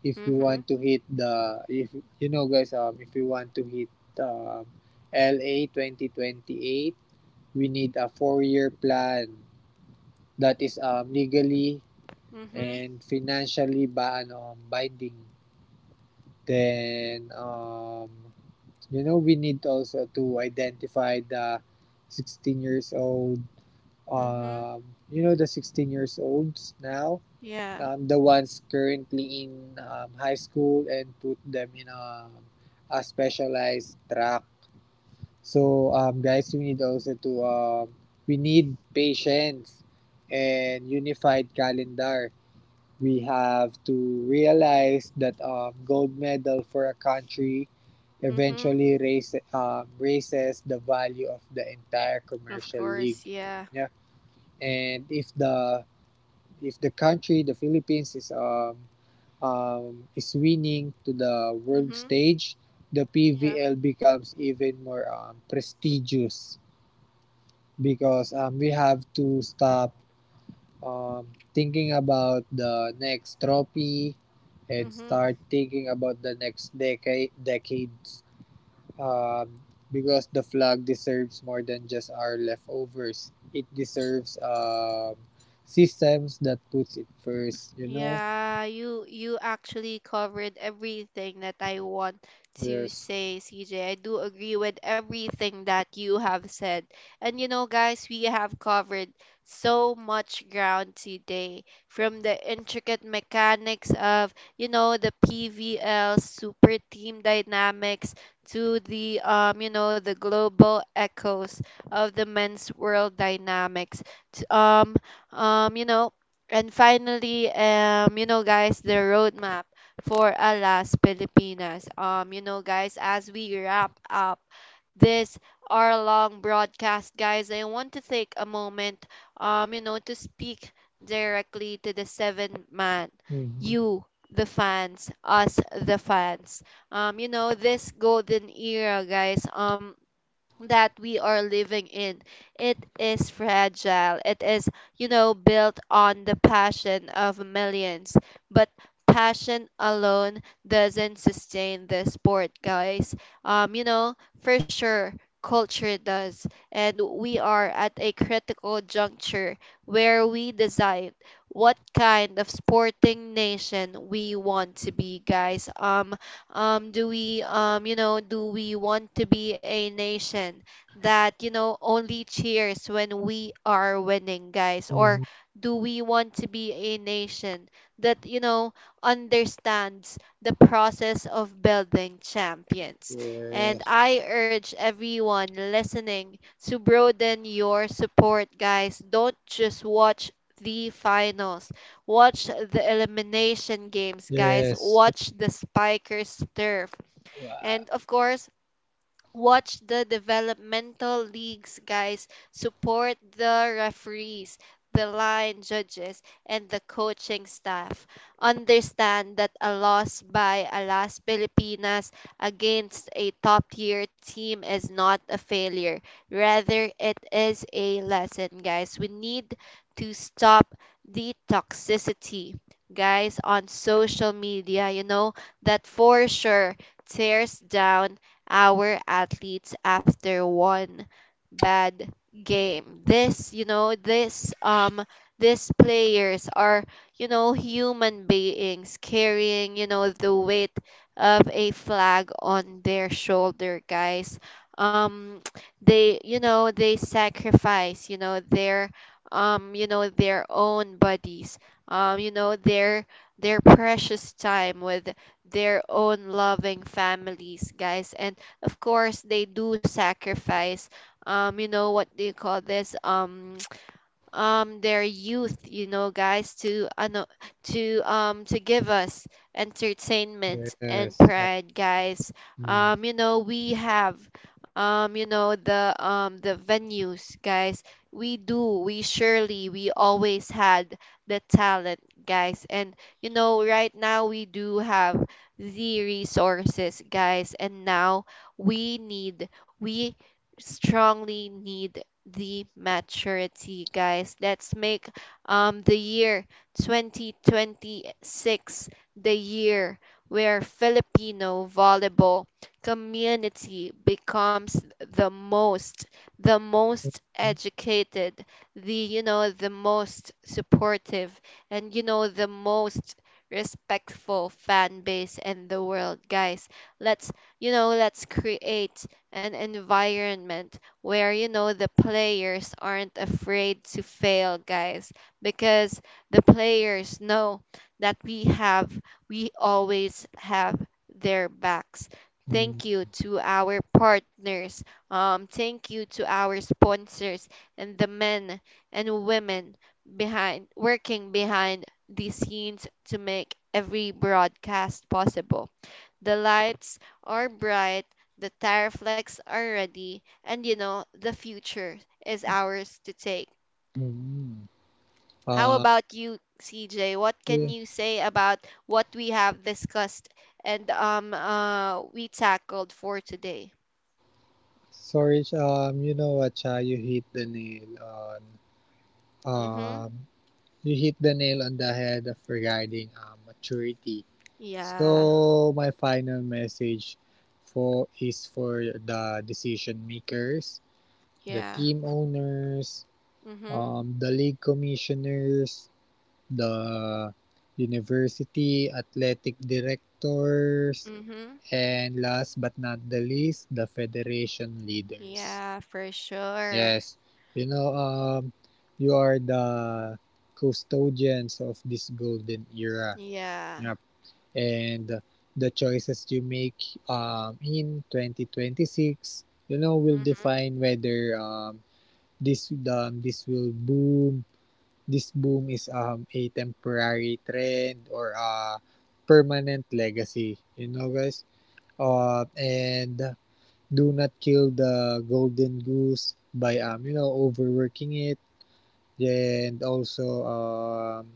[SPEAKER 2] if you want
[SPEAKER 1] Mhm.
[SPEAKER 2] to hit the if you know guys, um if you want to hit um L A twenty twenty-eight, we need a four year plan that is um legally
[SPEAKER 1] Mhm.
[SPEAKER 2] and financially ba ano binding. Then, um you know we need also to identify the 16 years old
[SPEAKER 1] Mhm.
[SPEAKER 2] um you know the sixteen years olds now,
[SPEAKER 1] Yeah.
[SPEAKER 2] um, the ones currently in um, high school, and put them in a, a specialized track. So, um, guys, we need also to, um, we need patience and unified calendar. We have to realize that um, gold medal for a country
[SPEAKER 1] Mhm.
[SPEAKER 2] eventually raise, um, raises the value of the entire
[SPEAKER 1] Of
[SPEAKER 2] commercial league.
[SPEAKER 1] course. Yeah.
[SPEAKER 2] Yeah. And if the if the country, the Philippines, is um, um, is winning to the world
[SPEAKER 1] Mhm.
[SPEAKER 2] stage, the
[SPEAKER 1] Yeah.
[SPEAKER 2] P V L becomes even more um, prestigious, because um, we have to stop um, thinking about the next trophy and
[SPEAKER 1] Mhm.
[SPEAKER 2] start thinking about the next decade decades, um, because the flag deserves more than just our leftovers. It deserves um, systems that puts it first, you know?
[SPEAKER 1] Yeah, you you actually covered everything that I want to
[SPEAKER 2] Yes.
[SPEAKER 1] say, C J. I do agree with everything that you have said. And you know, guys, we have covered so much ground today, from the intricate mechanics of, you know, the P V L super team dynamics, to the um, you know, the global echoes of the men's world dynamics. to- Um, um, you know, and finally, um, you know, guys, the roadmap for Alas Pilipinas. Um, you know, guys, as we wrap up this our long broadcast, guys, I want to take a moment, um, you know, to speak directly to the seven man,
[SPEAKER 2] Mm-hmm.
[SPEAKER 1] you, the fans, us, the fans. Um, you know, this golden era, guys, Um, that we are living in, it is fragile. It is you know built on the passion of millions, but passion alone doesn't sustain the sport, guys. um you know for sure, culture does. And we are at a critical juncture where we decide what kind of sporting nation we want to be, guys. um um, do we um, you know do we want to be a nation that you know only cheers when we are winning, guys, or
[SPEAKER 2] Mm-hmm.
[SPEAKER 1] do we want to be a nation that you know understands the process of building champions? And
[SPEAKER 2] Yes.
[SPEAKER 1] I urge everyone listening to broaden your support, guys. Don't just watch the finals. Watch the elimination games, guys.
[SPEAKER 2] Yes.
[SPEAKER 1] Watch the Spikers turf.
[SPEAKER 2] Wow.
[SPEAKER 1] And of course, watch the developmental leagues, guys. Support the referees, the line judges, and the coaching staff. Understand that a loss by Alas Pilipinas against a top tier team is not a failure, rather it is a lesson, guys. We need to stop the toxicity, guys, on social media. You know that for sure tears down our athletes after one bad game. This, you know, this um these players are, you know, human beings carrying, you know, the weight of a flag on their shoulder, guys. Um they, you know, they sacrifice, you know, their um, you know, their own bodies. Um, you know, their their precious time with their own loving families, guys. And of course they do sacrifice um you know what do you call this, um um their youth, you know, guys, to ano to um to give us entertainment and
[SPEAKER 2] Yes. I,
[SPEAKER 1] pride, guys.
[SPEAKER 2] mm,
[SPEAKER 1] Um, you know, we have, um, you know, the um the venues, guys. We do, we surely, we always had the talent, guys. And you know, right now we do have the resources, guys, and now we need, we strongly need the maturity, guys. Let's make, um, the year twenty twenty-six, the year where Filipino volleyball community becomes the most, the most
[SPEAKER 2] mm,
[SPEAKER 1] educated, the, you know, the most supportive, and, you know, the most respectful fan base in the world, guys. Let's you know let's create an environment where you know the players aren't afraid to fail, guys, because the players know that we have we always have their backs.
[SPEAKER 2] mm,
[SPEAKER 1] Thank you to our partners. Um, thank you to our sponsors and the men and women behind working behind the scenes to make every broadcast possible. The lights are bright, the tariff flex are ready, and you know, the future is ours to take.
[SPEAKER 2] mm, mm.
[SPEAKER 1] How
[SPEAKER 2] Uh,
[SPEAKER 1] about you, C J? What can
[SPEAKER 2] yeah.
[SPEAKER 1] you say about what we have discussed and um uh we tackled for today?
[SPEAKER 2] Sorry, um, you know what, Cha, you hit the nail on, um,
[SPEAKER 1] Mhm.
[SPEAKER 2] you hit the nail on the head of regarding um, maturity.
[SPEAKER 1] Yeah.
[SPEAKER 2] So my final message for is for the decision makers, the
[SPEAKER 1] Yeah.
[SPEAKER 2] team owners,
[SPEAKER 1] Mhm.
[SPEAKER 2] um, the league commissioners, the university athletic directors,
[SPEAKER 1] Mhm.
[SPEAKER 2] and last but not the least, the federation leaders.
[SPEAKER 1] Yeah, for sure.
[SPEAKER 2] Yes. You know, um, you are the custodians of this golden era.
[SPEAKER 1] Yeah.
[SPEAKER 2] Yup. And the choices you make um, in twenty twenty-six, you know, will
[SPEAKER 1] Mhm.
[SPEAKER 2] define whether um, this um, this will boom this boom is um, a temporary trend or a permanent legacy. You know, guys? Uh, and do not kill the golden goose by, um, you know, overworking it. And also, um,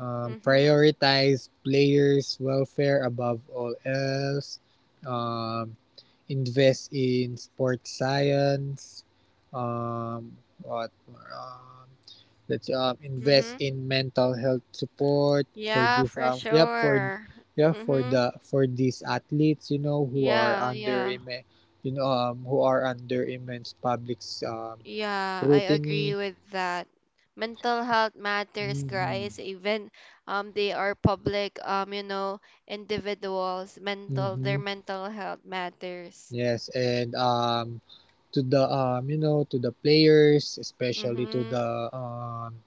[SPEAKER 2] um,
[SPEAKER 1] Mhm.
[SPEAKER 2] prioritize players' welfare above all else. Um, Invest in sports science, um what more, um let's um invest
[SPEAKER 1] Mhm.
[SPEAKER 2] in mental health support for
[SPEAKER 1] Yeah,
[SPEAKER 2] these
[SPEAKER 1] for
[SPEAKER 2] um yeah for
[SPEAKER 1] sure.
[SPEAKER 2] yeah for
[SPEAKER 1] Mhm.
[SPEAKER 2] the for these athletes, you know, who are
[SPEAKER 1] Yeah,
[SPEAKER 2] under
[SPEAKER 1] yeah.
[SPEAKER 2] imme- you know um who are under immense public um
[SPEAKER 1] Yeah, I agree
[SPEAKER 2] scrutiny.
[SPEAKER 1] with that. Mental health matters,
[SPEAKER 2] Mm-hmm.
[SPEAKER 1] guys. Even um, they are public, um, you know, individuals. Mental, their
[SPEAKER 2] Mm-hmm.
[SPEAKER 1] mental health matters.
[SPEAKER 2] Yes, and um to the um you know to the players, especially to
[SPEAKER 1] Mm,
[SPEAKER 2] the um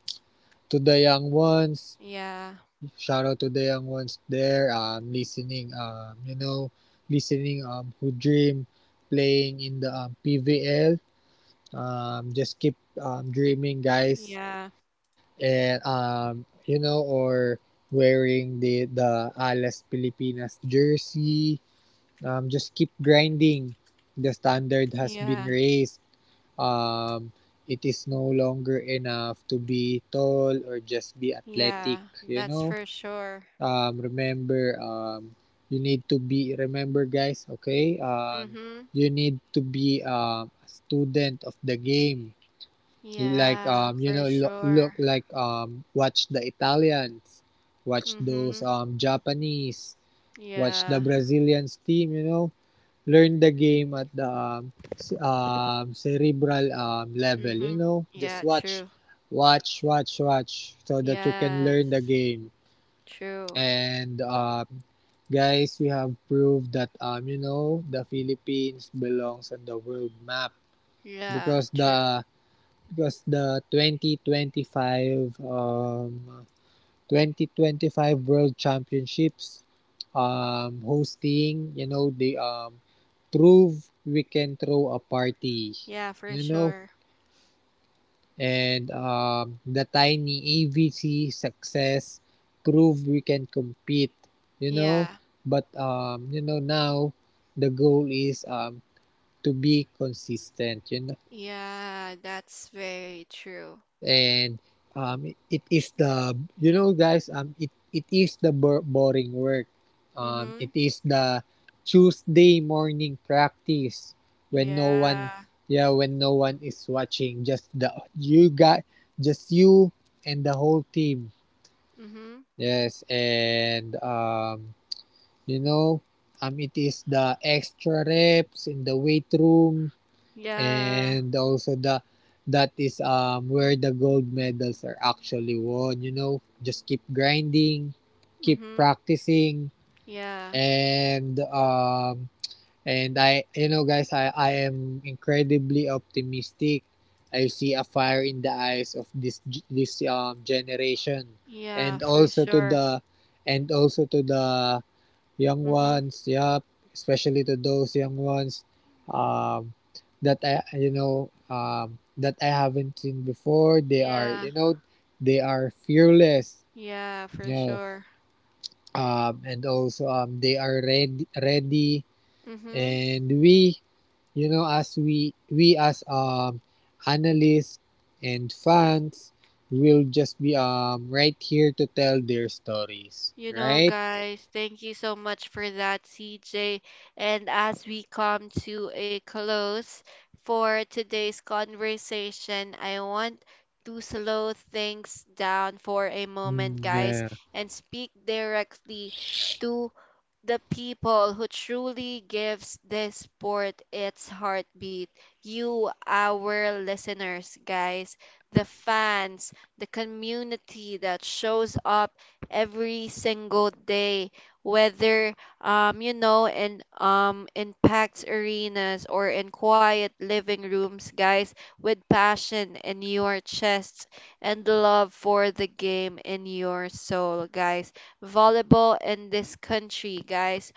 [SPEAKER 2] to the young ones.
[SPEAKER 1] yeah,
[SPEAKER 2] Shout out to the young ones there um listening, um you know listening, um who dream playing in the um, P V L. Um just keep um dreaming, guys,
[SPEAKER 1] yeah,
[SPEAKER 2] and um you know or wearing the the Alas Pilipinas jersey. Um just keep grinding. The standard has been
[SPEAKER 1] yeah,
[SPEAKER 2] raised. um it is no longer enough to be tall or just be
[SPEAKER 1] yeah.
[SPEAKER 2] athletic, you
[SPEAKER 1] That's
[SPEAKER 2] know.
[SPEAKER 1] for sure.
[SPEAKER 2] Um, remember, um, you need to be, remember guys, okay,
[SPEAKER 1] Mm,
[SPEAKER 2] um, you need to be, um, a student of the game. Like
[SPEAKER 1] yeah,
[SPEAKER 2] um, you
[SPEAKER 1] for
[SPEAKER 2] know look,
[SPEAKER 1] sure.
[SPEAKER 2] look, like um, watch the Italians, watch
[SPEAKER 1] Mhm.
[SPEAKER 2] those um, Japanese, watch
[SPEAKER 1] Yeah.
[SPEAKER 2] the Brazilians team, you know. Learn the game at the um, um, cerebral um, level, you
[SPEAKER 1] Mhm.
[SPEAKER 2] know.
[SPEAKER 1] Yeah.
[SPEAKER 2] Just watch,
[SPEAKER 1] True.
[SPEAKER 2] watch, watch, watch so that you can learn the
[SPEAKER 1] Yes.
[SPEAKER 2] game.
[SPEAKER 1] True.
[SPEAKER 2] And um, Guys, we have proved that, um, you know, the Philippines belongs on the world map,
[SPEAKER 1] Yeah.
[SPEAKER 2] because
[SPEAKER 1] True.
[SPEAKER 2] the because the twenty twenty-five um twenty twenty-five World Championships um hosting, you know, they um prove we can throw a party,
[SPEAKER 1] Yeah, for
[SPEAKER 2] you know.
[SPEAKER 1] sure.
[SPEAKER 2] And um, The tiny A V C success proved we can compete, you know.
[SPEAKER 1] Yeah.
[SPEAKER 2] But um, you know now the goal is, um, to be consistent, you know.
[SPEAKER 1] Yeah, that's very true.
[SPEAKER 2] And um, It is the, you know guys um it it is the boring work, um it
[SPEAKER 1] Mhm.
[SPEAKER 2] is the Tuesday morning practice, when no one,
[SPEAKER 1] Yeah.
[SPEAKER 2] yeah, when no one is watching. Just the you got just you and the whole team.
[SPEAKER 1] Mhm.
[SPEAKER 2] Yes, and um you know um it is the extra reps in the weight room,
[SPEAKER 1] Yeah.
[SPEAKER 2] and also the, that is um where the gold medals are actually won, you know. Just keep grinding, keep
[SPEAKER 1] Mhm.
[SPEAKER 2] practicing.
[SPEAKER 1] Yeah.
[SPEAKER 2] And um and I, you know guys i i am incredibly optimistic. I see a fire in the eyes of this this um generation,
[SPEAKER 1] Yeah,
[SPEAKER 2] and
[SPEAKER 1] for
[SPEAKER 2] also to
[SPEAKER 1] sure.
[SPEAKER 2] the, and also to the young
[SPEAKER 1] Mhm.
[SPEAKER 2] ones, yep, especially to those young ones, um that i you know um that I haven't seen before. They are, you
[SPEAKER 1] Yeah.
[SPEAKER 2] know, they are fearless,
[SPEAKER 1] Yeah,
[SPEAKER 2] you
[SPEAKER 1] for
[SPEAKER 2] know.
[SPEAKER 1] sure.
[SPEAKER 2] Um and also um They are ready, ready,
[SPEAKER 1] Mhm.
[SPEAKER 2] and we, you know as we we as um analysts and fans will just be um right here to tell their stories,
[SPEAKER 1] You know,
[SPEAKER 2] right?
[SPEAKER 1] guys, thank you so much for that, CJ. And as we come to a close for today's conversation, I want to slow things down for a moment,
[SPEAKER 2] Mm,
[SPEAKER 1] guys,
[SPEAKER 2] yeah.
[SPEAKER 1] and speak directly to the people who truly gives this sport its heartbeat, you, our listeners, guys, the fans, the community that shows up every single day, whether um you know in um in packed arenas or in quiet living rooms, guys, with passion in your chests and love for the game in your soul, guys, volleyball in this country, guys.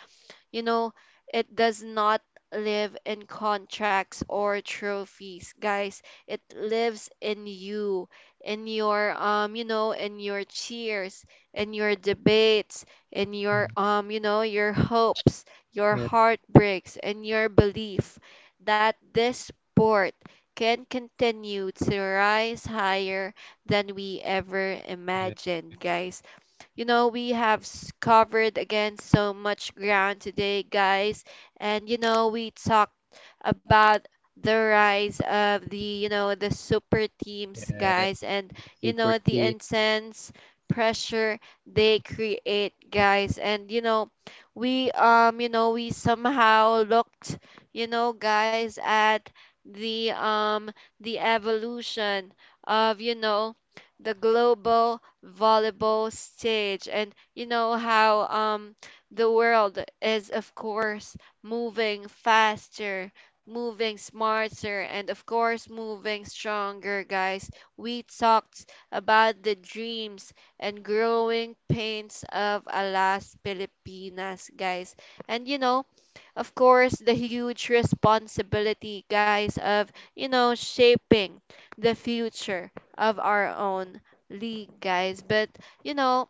[SPEAKER 1] You know, it does not live in contracts or trophies, guys. It lives in you, in your um, you know, in your cheers, in your debates, in your
[SPEAKER 2] Mm,
[SPEAKER 1] um, you know, your hopes, your
[SPEAKER 2] yeah,
[SPEAKER 1] heartbreaks, and your belief that this sport can continue to rise higher than we ever
[SPEAKER 2] yeah,
[SPEAKER 1] imagined, guys. You know, we have s- covered again so much ground today, guys. And, you know, we talked about the rise of the, you know, the super teams,
[SPEAKER 2] yeah.
[SPEAKER 1] guys. And, you know, the
[SPEAKER 2] Property.
[SPEAKER 1] intense pressure they create, guys. And, you know, we um you know we somehow looked, you know, guys, at the um the evolution of, you know, the global volleyball stage, and you know how um the world is, of course, moving faster, moving smarter, and of course moving stronger, guys. We talked about the dreams and growing pains of Alas Pilipinas, guys. And you know, of course, the huge responsibility, guys, of, you know, shaping the future of our own league, guys. But, you know,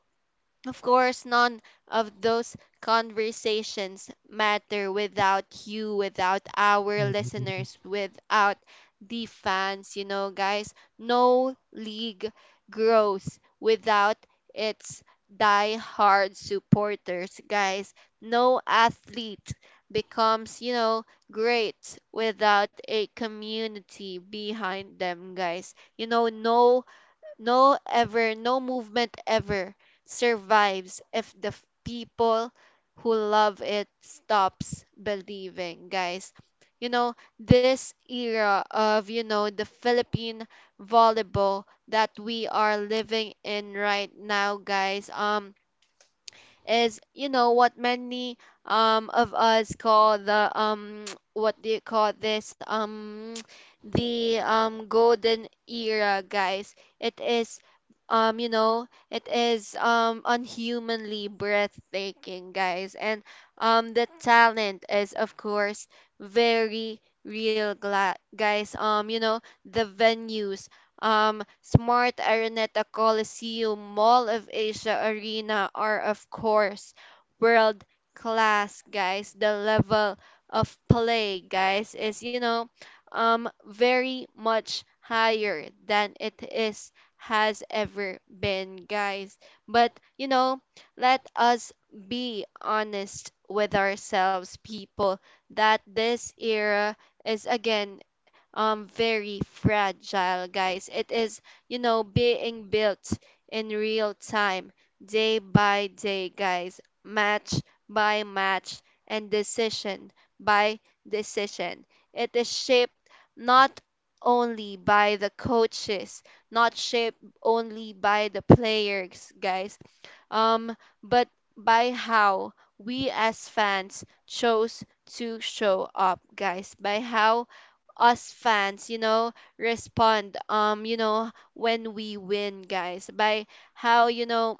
[SPEAKER 1] of course, none of those conversations matter without you, without our
[SPEAKER 2] Mhm,
[SPEAKER 1] listeners, without the fans, you know, guys. No league grows without its die-hard supporters, guys. No athlete becomes, you know, great without a community behind them, guys. You know, no no ever no movement ever survives if the f- people who love it stops believing, guys. You know, this era of, you know, the Philippine volleyball that we are living in right now, guys, um is, you know, what many um of us call the um what do you call this um the um golden era, guys. It is um you know it is um unhumanly breathtaking, guys, and um the talent is, of course, very real, gla- guys, um you know, the venues, um, Smart Araneta Coliseum, Mall of Asia Arena, are, of course, world class, guys. The level of play, guys, is, you know, um, very much higher than it is has ever been, guys. But, you know, let us be honest with ourselves, people, that this era is again um very fragile, guys. It is, you know, being built in real time, day by day, guys, match by match, and decision by decision. It is shaped not only by the coaches, not shaped only by the players, guys, um, but by how we as fans chose to show up, guys, by how us fans, you know, respond, um, you know, when we win, guys, by how, you know,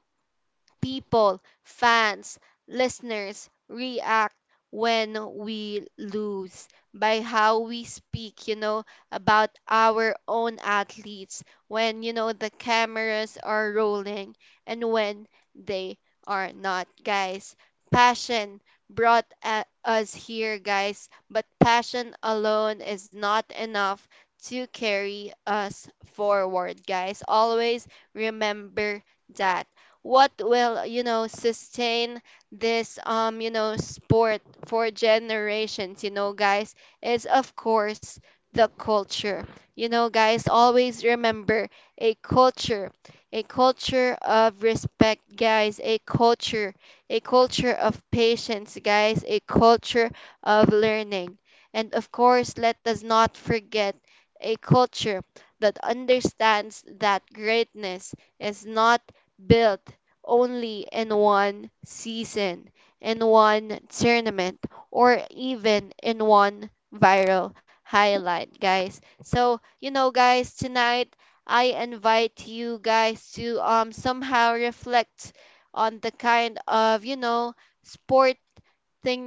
[SPEAKER 1] people, fans, listeners react when we lose, by how we speak, you know, about our own athletes when, you know, the cameras are rolling and when they are not, guys. Passion brought a- us here, guys, but passion alone is not enough to carry us forward, guys. Always remember that what will, you know, sustain this um you know sport for generations, you know, guys, is of course the culture, you know, guys. Always remember a culture, a culture of respect, guys, a culture, a culture of patience, guys, a culture of learning, and of course let us not forget a culture that understands that greatness is not built only in one season, in one tournament, or even in one viral highlight, guys. So, you know, guys, tonight I invite you guys to um somehow reflect on the kind of, you know, sporting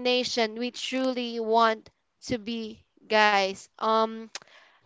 [SPEAKER 1] nation we truly want to be, guys. Um,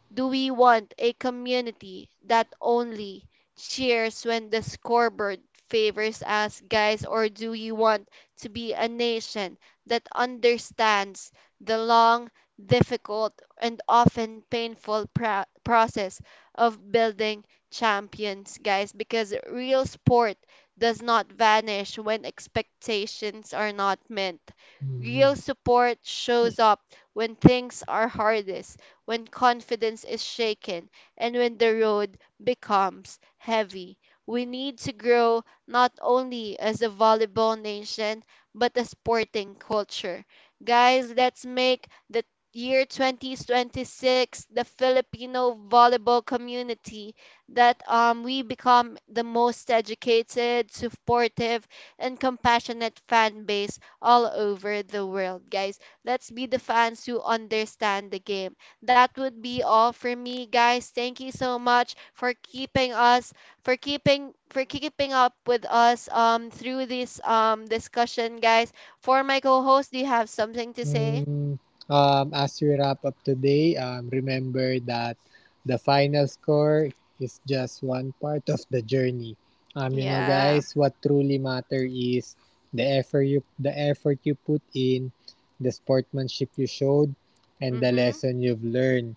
[SPEAKER 1] do we want a community that only cheers when the scoreboard favors us, guys? Or do we want to be a nation that understands the long, difficult, and often painful pro- process of building champions, guys? Because real sport does not vanish when expectations are not met.
[SPEAKER 2] mhm.
[SPEAKER 1] Real support shows up when things are hardest, when confidence is shaken, and when the road becomes heavy. We need to grow not only as a volleyball nation, but a sporting culture. Guys, let's make the year twenty twenty-six the Filipino volleyball community that um, we become the most educated, supportive, and compassionate fan base all over the world, guys. Let's be the fans who understand the game, that would be all for me, guys. Thank you so much for keeping us for keeping for keeping up with us um through this um discussion, guys. For my co-host, do you have something to say?
[SPEAKER 2] Hmm, um, as we wrap up today, um, remember that the final score is just one part of the journey. Um, you know,
[SPEAKER 1] Yeah.
[SPEAKER 2] guys, what truly matter is the effort you the effort you put in, the sportsmanship you showed, and the
[SPEAKER 1] Mm-hmm.
[SPEAKER 2] lesson you've learned.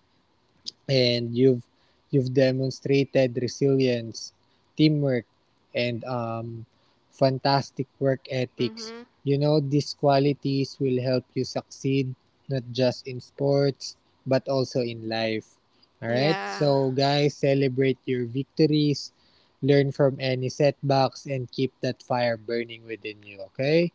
[SPEAKER 2] And you've you've demonstrated resilience, teamwork, and um, fantastic work ethics.
[SPEAKER 1] Mm-hmm.
[SPEAKER 2] You know, these qualities will help you succeed not just in sports but also in life. All right,
[SPEAKER 1] Yeah.
[SPEAKER 2] so guys, celebrate your victories, learn from any setbacks, and keep that fire burning within you. Okay,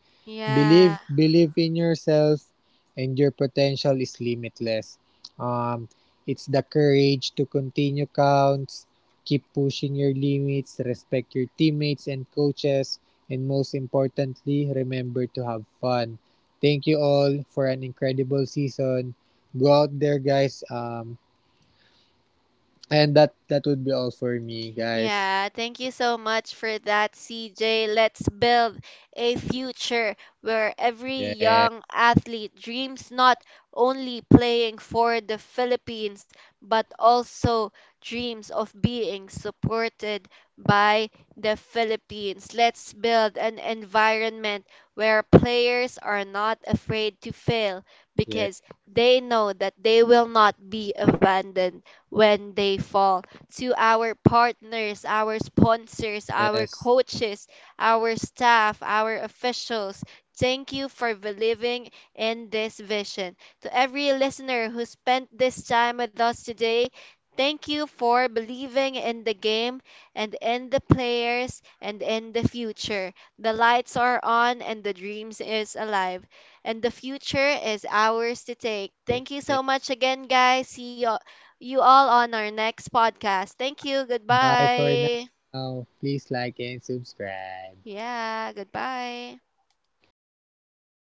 [SPEAKER 2] believe
[SPEAKER 1] Yeah.
[SPEAKER 2] believe in yourself, and your potential is limitless. Um, it's the courage to continue counts, keep pushing your limits, respect your teammates and coaches, and most importantly, remember to have fun. Thank you all for an incredible season. Go out there, guys. Um, and that that would be all for me, guys.
[SPEAKER 1] Yeah, thank you so much for that, CJ. Let's build a future where every
[SPEAKER 2] Yes,
[SPEAKER 1] young athlete dreams not only playing for the Philippines, but also dreams of being supported by the Philippines. Let's build an environment where players are not afraid to fail
[SPEAKER 2] yes,
[SPEAKER 1] because they know that they will not be abandoned when they fall, to our partners, our sponsors, our
[SPEAKER 2] yes.
[SPEAKER 1] coaches, our staff, our officials. Thank you for believing in this vision. To every listener who spent this time with us today, thank you for believing in the game and in the players and in the future. The lights are on and the dreams is alive and the future is ours to take. Thank you so much again, guys. See you, you all on our next podcast. Thank you.
[SPEAKER 2] Bye for
[SPEAKER 1] Goodbye.
[SPEAKER 2] now. Please like and subscribe.
[SPEAKER 1] Yeah, goodbye.